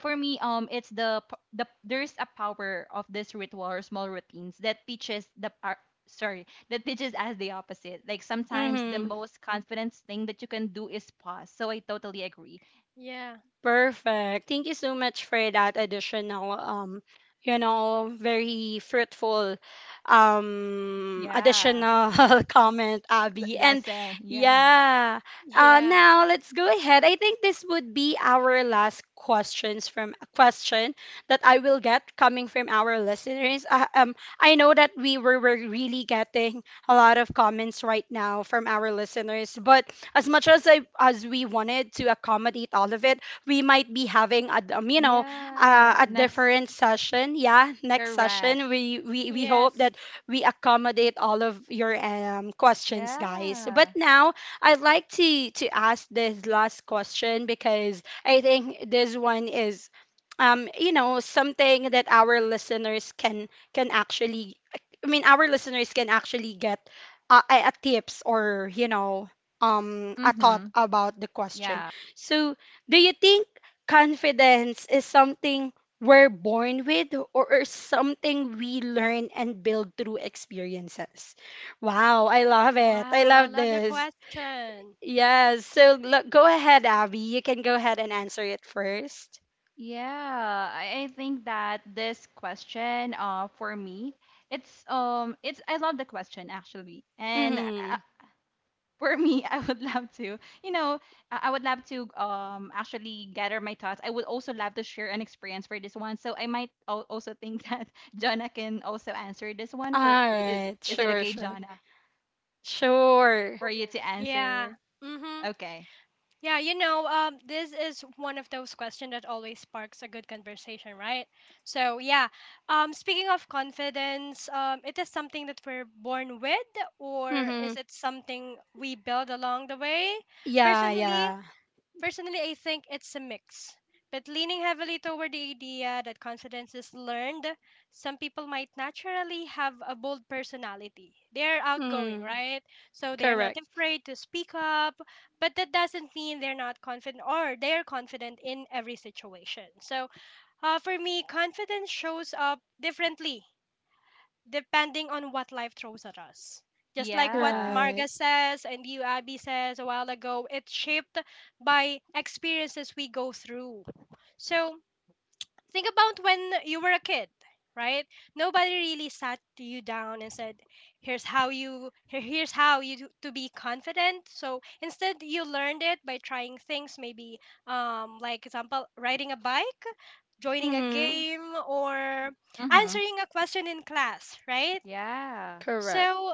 [SPEAKER 2] for me it's the there's a power of this ritual or small routines that teaches us the opposite. Like, sometimes the
[SPEAKER 1] Mhm.
[SPEAKER 2] most confident thing that you can do is pause. So I totally agree.
[SPEAKER 3] Yeah.
[SPEAKER 1] Perfect. Thank you so much for that additional you know very fruitful
[SPEAKER 2] Yeah.
[SPEAKER 1] additional comment
[SPEAKER 2] L-
[SPEAKER 1] Abby. And
[SPEAKER 2] lesson, yeah.
[SPEAKER 1] yeah,
[SPEAKER 3] Yeah.
[SPEAKER 1] now let's go ahead. I think this would be our last questions from question that I will get coming from our listeners. I know that we were really getting a lot of comments right now from our listeners, but as much as I as we wanted to accommodate all of it, we might be having a you know
[SPEAKER 2] Yeah,
[SPEAKER 1] a
[SPEAKER 2] next.
[SPEAKER 1] different session. Yeah, next
[SPEAKER 2] Correct.
[SPEAKER 1] session we hope that
[SPEAKER 3] Yes.
[SPEAKER 1] we accommodate all of your questions, guys. But
[SPEAKER 2] Yeah.
[SPEAKER 1] now I'd like to ask this last question because I think this one is you know something that our listeners can actually I mean our listeners can actually get a tips or you know a thought
[SPEAKER 2] Mm-hmm.
[SPEAKER 1] about the question.
[SPEAKER 2] Yeah.
[SPEAKER 1] So do you think confidence is something we're born with or something we learn and build through experiences? Wow, I love it. I
[SPEAKER 3] Wow, I
[SPEAKER 1] love
[SPEAKER 3] love the
[SPEAKER 1] this.
[SPEAKER 3] question.
[SPEAKER 1] Yes. So look, go ahead, Abby. You can go ahead and answer it first.
[SPEAKER 2] I think that this question, for me, it's, I love the question, actually. And
[SPEAKER 1] Mm-hmm.
[SPEAKER 2] I, for me, I would love to, you know, I would love to actually gather my thoughts. I would also love to share an experience for this one. So I might also think that Jonna can also answer this one.
[SPEAKER 1] All
[SPEAKER 2] For
[SPEAKER 1] right.
[SPEAKER 2] is it
[SPEAKER 1] Sure,
[SPEAKER 2] okay,
[SPEAKER 1] sure.
[SPEAKER 2] Jonna,
[SPEAKER 1] Sure.
[SPEAKER 2] for you to Okay.
[SPEAKER 3] Yeah.
[SPEAKER 2] answer?
[SPEAKER 3] Mhm.
[SPEAKER 2] Okay.
[SPEAKER 3] Yeah, you know, this is one of those questions that always sparks a good conversation, right? So, yeah. Speaking of confidence, it is something that we're born with, or
[SPEAKER 1] Mm-hmm.
[SPEAKER 3] is it something we build along the way?
[SPEAKER 1] Yeah,
[SPEAKER 3] Personally,
[SPEAKER 1] yeah.
[SPEAKER 3] Personally, I think it's a mix, but leaning heavily toward the idea that confidence is learned. Some people might naturally have a bold personality. They're outgoing,
[SPEAKER 1] Mm,
[SPEAKER 3] right? So they're not
[SPEAKER 1] correct.
[SPEAKER 3] afraid to speak up, but that doesn't mean they're not confident or they're confident in every situation. So for me, confidence shows up differently depending on what life throws at us. Just like what
[SPEAKER 2] Yeah.
[SPEAKER 1] Right.
[SPEAKER 3] Marga says and you, Abby, says a while ago, it's shaped by experiences we go through. So think about when you were a kid, right? Nobody really sat you down and said, "Here's how you, here's how you do- to be confident." So instead, you learned it by trying things. Maybe, like example, riding a bike, joining a
[SPEAKER 1] Mm-hmm.
[SPEAKER 3] game, or
[SPEAKER 2] Mhm.
[SPEAKER 3] answering a question in class, right?
[SPEAKER 2] Yeah.
[SPEAKER 1] Correct.
[SPEAKER 3] So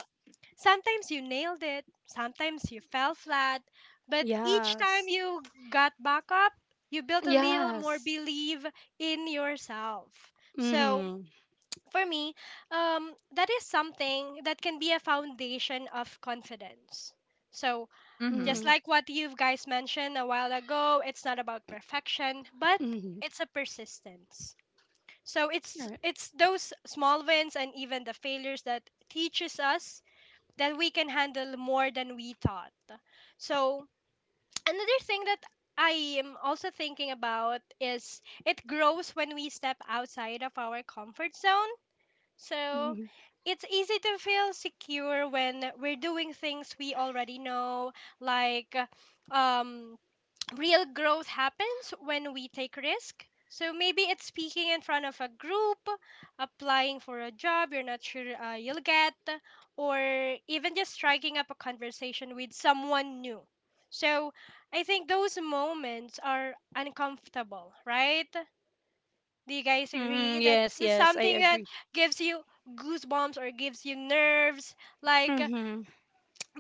[SPEAKER 3] sometimes you nailed it, sometimes you fell flat, but each time
[SPEAKER 1] Yes.
[SPEAKER 3] you got back up, you built a little more
[SPEAKER 1] Yes.
[SPEAKER 3] belief in yourself. So
[SPEAKER 1] Mm-hmm.
[SPEAKER 3] for me, that is something that can be a foundation of confidence. So
[SPEAKER 2] Mhm.
[SPEAKER 3] just
[SPEAKER 1] Mm-hmm.
[SPEAKER 3] like what you guys mentioned a while ago, it's not about perfection, but
[SPEAKER 1] Mm-hmm.
[SPEAKER 3] it's a persistence. So it's
[SPEAKER 1] Right.
[SPEAKER 3] it's those small wins and even the failures that teaches us that we can handle more than we thought. So, another thing that I am also thinking about is it grows when we step outside of our comfort zone. So,
[SPEAKER 1] Mm-hmm.
[SPEAKER 3] it's easy to feel secure when we're doing things we already know, like um, real growth happens when we take risk. So maybe it's speaking in front of a group, applying for a job you're not sure you'll get, or even just striking up a conversation with someone new. So I think those moments are uncomfortable, right? Do you guys agree
[SPEAKER 1] Mm-hmm.
[SPEAKER 3] that
[SPEAKER 1] Yes,
[SPEAKER 3] it's
[SPEAKER 1] yes, I
[SPEAKER 3] something that
[SPEAKER 1] agree.
[SPEAKER 3] gives you goosebumps or gives you nerves? Like
[SPEAKER 1] Mm-hmm.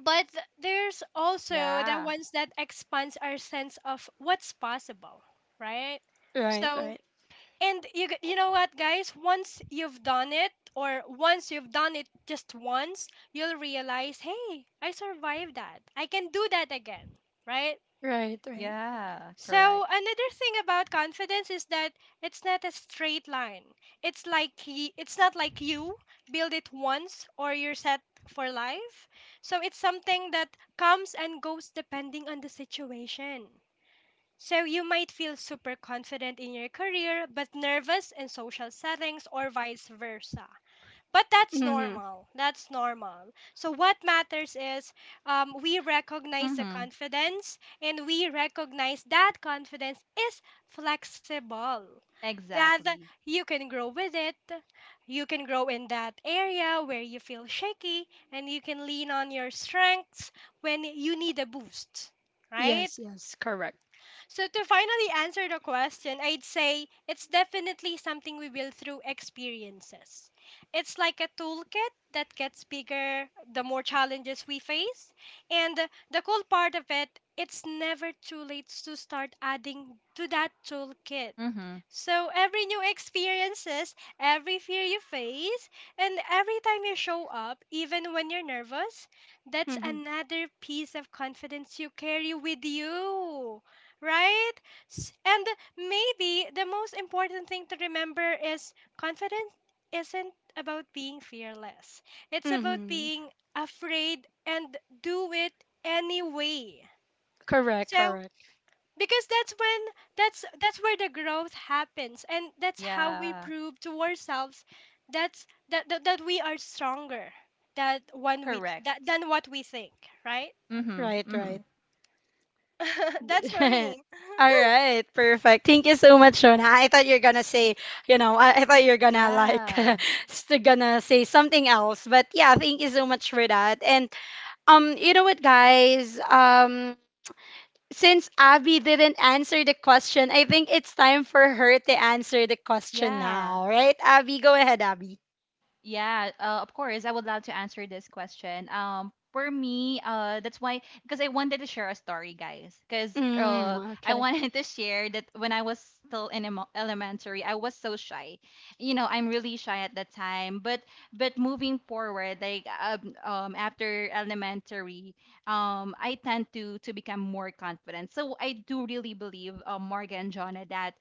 [SPEAKER 3] but there's also the
[SPEAKER 2] Yeah.
[SPEAKER 3] ones that expands our sense of what's possible, right?
[SPEAKER 1] Right,
[SPEAKER 3] So
[SPEAKER 1] right.
[SPEAKER 3] and you know what, guys, once you've done it just once, you'll realize, hey, I survived that, I can do that again, right?
[SPEAKER 1] Right, right.
[SPEAKER 2] Yeah.
[SPEAKER 3] So,
[SPEAKER 2] Correct.
[SPEAKER 3] another thing about confidence is that it's not a straight line. It's like it's not like you build it once or you're set for life. So, it's something that comes and goes depending on the situation. So, you might feel super confident in your career but nervous in social settings or vice versa. But that's
[SPEAKER 1] Mm-hmm.
[SPEAKER 3] normal. That's normal. So what matters is we recognize the
[SPEAKER 2] Mhm.
[SPEAKER 3] confidence and we recognize that confidence is flexible. That
[SPEAKER 2] Exactly.
[SPEAKER 3] you can grow with it. You can grow in that area where you feel shaky and you can lean on your strengths when you need a boost, right?
[SPEAKER 1] Yes, yes, correct.
[SPEAKER 3] So, to finally answer the question, I'd say it's definitely something we build through experiences. It's like a toolkit that gets bigger the more challenges we face. And the cool part of it, it's never too late to start adding to that toolkit.
[SPEAKER 2] Mhm.
[SPEAKER 3] So every new experiences, every fear you face, and every time you show up, even when you're nervous, that's
[SPEAKER 1] Mm-hmm.
[SPEAKER 3] another piece of confidence you carry with you. Right? And maybe the most important thing to remember is confidence isn't about being fearless. It's about
[SPEAKER 1] Mm-hmm.
[SPEAKER 3] being afraid and do it anyway.
[SPEAKER 1] Correct,
[SPEAKER 3] So
[SPEAKER 1] correct.
[SPEAKER 3] because that's where the growth happens and that's how we
[SPEAKER 2] Yeah.
[SPEAKER 3] prove to ourselves that we are stronger that one we
[SPEAKER 2] Correct.
[SPEAKER 3] that than what we think, right?
[SPEAKER 2] Mhm.
[SPEAKER 1] Right,
[SPEAKER 2] Mhm.
[SPEAKER 1] right.
[SPEAKER 2] Mm.
[SPEAKER 3] That's for me.
[SPEAKER 1] All right, perfect. Thank you so much, Shona. I thought you're gonna say, you know, I thought you're gonna like
[SPEAKER 2] Yeah.
[SPEAKER 1] gonna say something else. But yeah, thank you so much for that. And you know what, guys? Since Abby didn't answer the question, I think it's time for her to answer the question
[SPEAKER 2] Yeah.
[SPEAKER 1] now, right? Abby, go ahead, Abby.
[SPEAKER 2] Yeah, of course, I would love to answer this question. For me, that's why, because I wanted to share a story, guys. Because
[SPEAKER 1] Mm,
[SPEAKER 2] I
[SPEAKER 1] okay.
[SPEAKER 2] wanted to share that when I was still in elementary, I was so shy. You know, I'm really shy at that time. But moving forward, like after elementary, I tend to become more confident. So I do really believe, Morgan, Jonna, that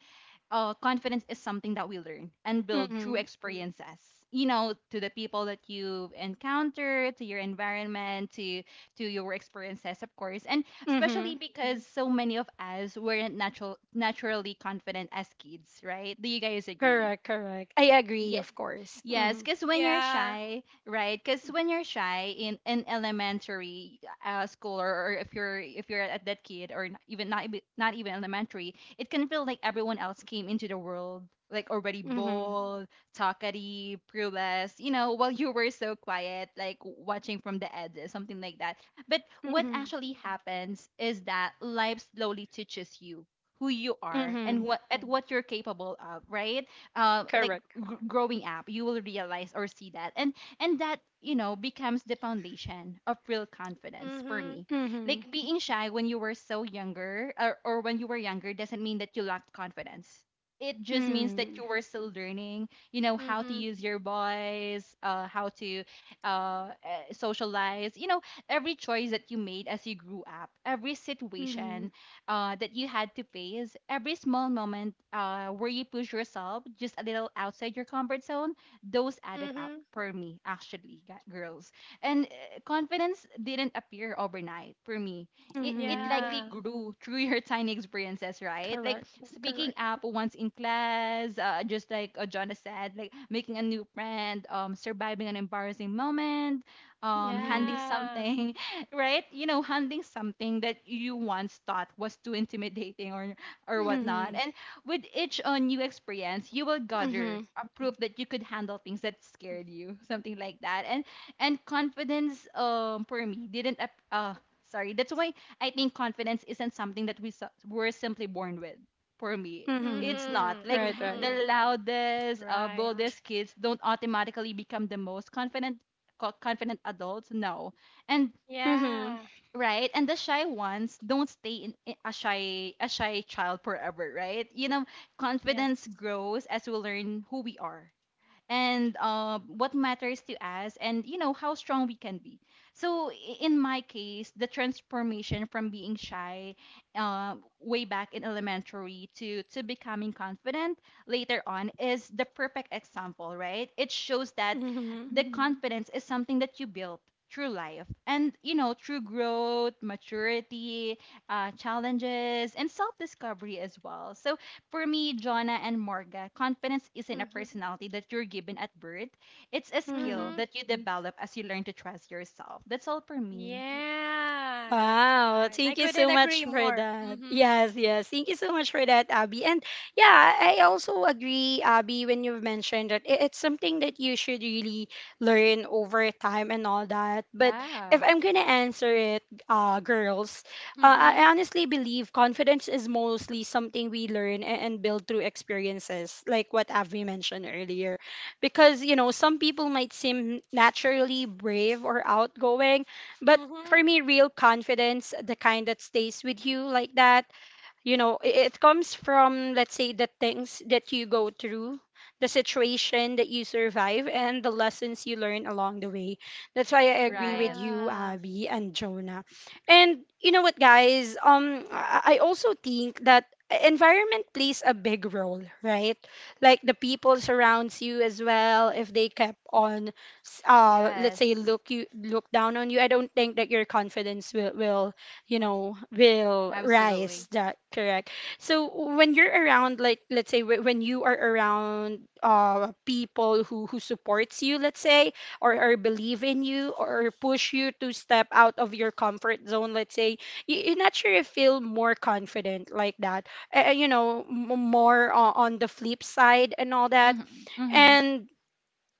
[SPEAKER 2] confidence is something that we learn and build through
[SPEAKER 1] Mm-hmm.
[SPEAKER 2] experiences. You know, to the people that you encounter, to your environment, to your experiences, of course. And
[SPEAKER 1] Mm-hmm.
[SPEAKER 2] especially because so many of us weren't naturally confident as kids, right? Do you guys agree?
[SPEAKER 1] Correct, correct. I agree,
[SPEAKER 2] Yeah.
[SPEAKER 1] of course.
[SPEAKER 2] Yes,
[SPEAKER 1] Mm-hmm.
[SPEAKER 2] because when you're
[SPEAKER 3] Yeah.
[SPEAKER 2] shy, right? Because when you're shy in elementary, school, or if you're at that kid, or not even elementary, it can feel like everyone else came into the world like already
[SPEAKER 1] Mm-hmm.
[SPEAKER 2] bold, talkative, clueless, you know, while you were so quiet, like watching from the edges. Something like that. But what
[SPEAKER 1] Mm-hmm.
[SPEAKER 2] actually happens is that life slowly teaches you who you are
[SPEAKER 1] Mm-hmm.
[SPEAKER 2] and what at what you're capable of, right? Like,
[SPEAKER 1] Correct.
[SPEAKER 2] growing up, you will realize or see that, and that, you know, becomes the foundation of real confidence for
[SPEAKER 3] Mhm.
[SPEAKER 2] me.
[SPEAKER 1] Mm-hmm.
[SPEAKER 2] Like, being shy when you were so younger, or when you were younger, doesn't mean that you lacked confidence. It just means that
[SPEAKER 1] Mm-hmm.
[SPEAKER 2] you were still learning, you know, how to
[SPEAKER 3] Mhm.
[SPEAKER 2] use your voice, how to socialize. You know, every choice that you made as you grew up, every
[SPEAKER 1] Mm-hmm.
[SPEAKER 2] situation that you had to face, every small moment where you push yourself just a little outside your comfort zone, those added up
[SPEAKER 3] Mhm.
[SPEAKER 2] for me, actually, girls. And confidence didn't appear overnight for me. It
[SPEAKER 1] Mm-hmm.
[SPEAKER 2] Yeah. likely
[SPEAKER 3] Yeah,
[SPEAKER 2] grew through your tiny experiences, right? Like
[SPEAKER 1] Correct.
[SPEAKER 2] speaking
[SPEAKER 1] Correct.
[SPEAKER 2] up once in class, just like, Jonah said, like, making a new friend, surviving an embarrassing moment,
[SPEAKER 1] Mm-hmm.
[SPEAKER 2] handling
[SPEAKER 3] yeah.
[SPEAKER 2] something right? You know, handling something that you once thought was too intimidating, or whatnot.
[SPEAKER 1] Mm-hmm.
[SPEAKER 2] And with each new experience, you will
[SPEAKER 1] Mm-hmm.
[SPEAKER 2] gather a proof that you could handle things that scared you, something like that. And confidence, for me, didn't ap- sorry. That's why I think confidence isn't something that were simply born with. For me,
[SPEAKER 1] Mm-hmm.
[SPEAKER 2] it's not
[SPEAKER 3] Mhm.
[SPEAKER 2] like
[SPEAKER 1] Right, right.
[SPEAKER 3] Mhm.
[SPEAKER 2] the loudest,
[SPEAKER 3] Right.
[SPEAKER 2] boldest kids don't automatically become the most confident adults. No. And
[SPEAKER 1] Mm-hmm.
[SPEAKER 3] Yeah.
[SPEAKER 2] right, and the shy ones don't stay in a shy child forever, right? You know, confidence
[SPEAKER 3] Yes.
[SPEAKER 2] grows as we learn who we are, and what matters to us, and you know, how strong we can be. So in my case, the transformation from being shy, way back in elementary, to becoming confident later on, is the perfect example, right? It shows that
[SPEAKER 1] Mm-hmm.
[SPEAKER 2] the confidence is something that you built through life, and, you know, through growth, maturity, challenges and self-discovery as well. So for me, Jonna and Morga, confidence isn't a
[SPEAKER 3] Mhm.
[SPEAKER 2] personality that you're given at birth. It's a
[SPEAKER 1] Mm-hmm.
[SPEAKER 2] skill
[SPEAKER 3] Mhm.
[SPEAKER 2] that you develop as you learn to trust yourself. That's all for me.
[SPEAKER 3] Yeah, that's
[SPEAKER 1] Wow,
[SPEAKER 3] right. I
[SPEAKER 1] thank you
[SPEAKER 3] couldn't
[SPEAKER 1] so much
[SPEAKER 3] agree
[SPEAKER 1] for
[SPEAKER 3] more.
[SPEAKER 1] that.
[SPEAKER 3] Mhm.
[SPEAKER 1] Yes, yes. Thank you so much for that, Abby. And yeah, I also agree, Abby, when you've mentioned that it's something that you should really learn over time and all that. But if I'm gonna answer it, girls, I
[SPEAKER 3] Mhm.
[SPEAKER 1] honestly believe confidence is mostly something we learn and build through experiences, like what Abby mentioned earlier. Because, you know, some people might seem naturally brave or outgoing, but for
[SPEAKER 3] Mm-hmm.
[SPEAKER 1] me real confidence the kind that stays with you like that you know it comes from let's say the things that you go through, the situation that you survive and the lessons you learn along the way. That's why I agree with
[SPEAKER 2] Right.
[SPEAKER 1] you
[SPEAKER 3] Yeah.
[SPEAKER 1] Abby and Jonah. And you know what guys, I also think that environment plays a big role, right? Like the people surrounds you as well, if they kept on let's say
[SPEAKER 2] Yes.
[SPEAKER 1] look you look down on you, I don't think that your confidence will you know will rise
[SPEAKER 2] Absolutely.
[SPEAKER 1] that correct. So when you're around like let's say when you are around people who supports you let's say, or believe in you or push you to step out of your comfort zone let's say, you naturally feel more confident like that, you know more on the flip side and all that.
[SPEAKER 2] Mm-hmm. Mm-hmm.
[SPEAKER 1] And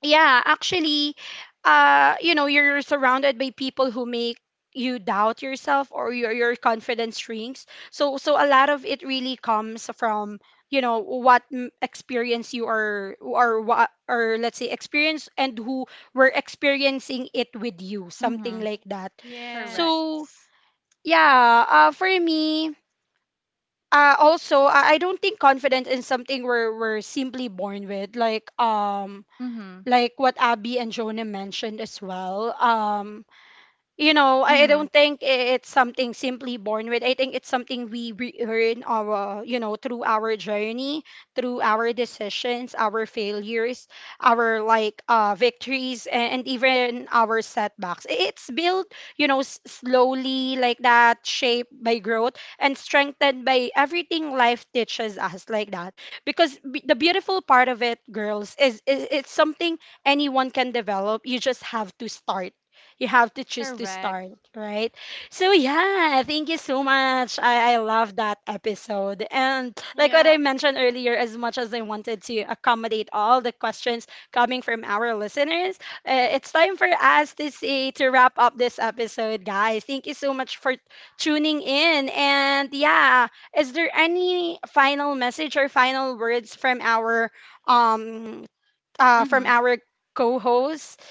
[SPEAKER 1] yeah, actually, you know, you're surrounded by people who make you doubt yourself or your confidence shrinks. So so a lot of it really comes from you know what mm, experience you are or what or let's say experience and who were experiencing it with you, something
[SPEAKER 2] Hmm.
[SPEAKER 1] like that.
[SPEAKER 2] Correct.
[SPEAKER 3] Yes.
[SPEAKER 1] So yeah, for me. Also, I don't think confidence is something we're simply born with.
[SPEAKER 2] Mm-hmm.
[SPEAKER 1] Like what Abby and Jonah mentioned as well. You know, I
[SPEAKER 2] Mm-hmm.
[SPEAKER 1] don't think it's something simply born with. I think it's something we earn our, you know, through our journey, through our decisions, our failures, our like victories, and even our setbacks. It's built, you know, slowly like that, shaped by growth and strengthened by everything life teaches us like that. Because the beautiful part of it, girls, is it's something anyone can develop. You just have to start, you have to choose to
[SPEAKER 2] Correct.
[SPEAKER 1] start, right? So yeah, thank you so much. I love that episode. And like what
[SPEAKER 3] Yeah.
[SPEAKER 1] I mentioned earlier, as much as I wanted to accommodate all the questions coming from our listeners, it's time for us to say to wrap up this episode, guys. Thank you so much for tuning in. And yeah, is there any final message or final words um from
[SPEAKER 2] Mm-hmm.
[SPEAKER 1] our co-host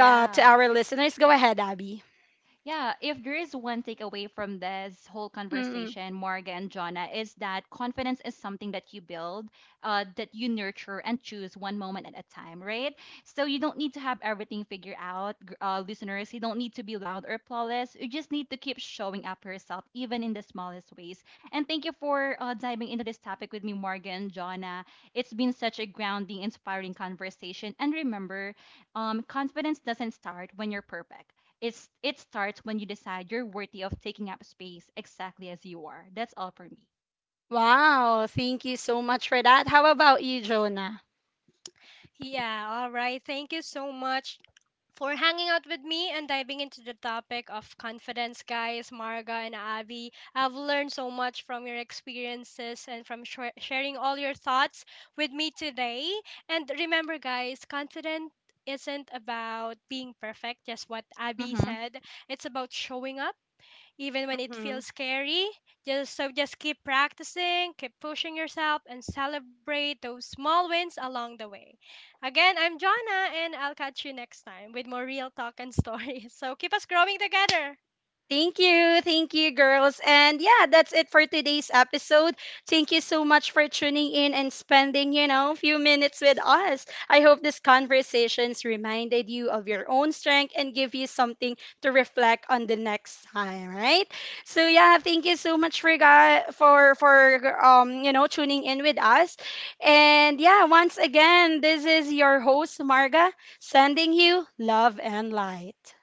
[SPEAKER 1] to our listeners. Go ahead, Abby.
[SPEAKER 2] Yeah, if there is one takeaway from this whole
[SPEAKER 1] Mm-mm.
[SPEAKER 2] conversation, Marga and Jonna, is that confidence is something that you build, that you nurture and choose one moment at a time, right? So you don't need to have everything figured out, listeners. You don't need to be loud or flawless. You just need to keep showing up for yourself, even in the smallest ways. And thank you for diving into this topic with me, Marga and Jonna. It's been such a grounding, inspiring conversation. And remember, confidence doesn't start when you're perfect. It starts when you decide you're worthy of taking up space exactly as you are. That's all for me.
[SPEAKER 1] Wow, thank you so much for that. How about you, Jonah?
[SPEAKER 3] Yeah. All right. Thank you so much for hanging out with me and diving into the topic of confidence, guys, Marga and Abby. I've learned so much from your experiences and from sharing all your thoughts with me today. And remember, guys, confident isn't about being perfect, just what Abby
[SPEAKER 2] Mm-hmm.
[SPEAKER 3] said. It's about showing up even when it feels scary. Just keep practicing, keep pushing yourself and celebrate those small wins along the way. Again, I'm Jonna and I'll catch you next time with more real talk and stories. So keep us growing together.
[SPEAKER 1] Thank you. Thank you, girls. And yeah, that's it for today's episode. Thank you so much for tuning in and spending, you know, a few minutes with us. I hope these conversations reminded you of your own strength and give you something to reflect on the next time, right? So yeah, thank you so much for you know, tuning in with us. And yeah, once again, this is your host Marga sending you love and light.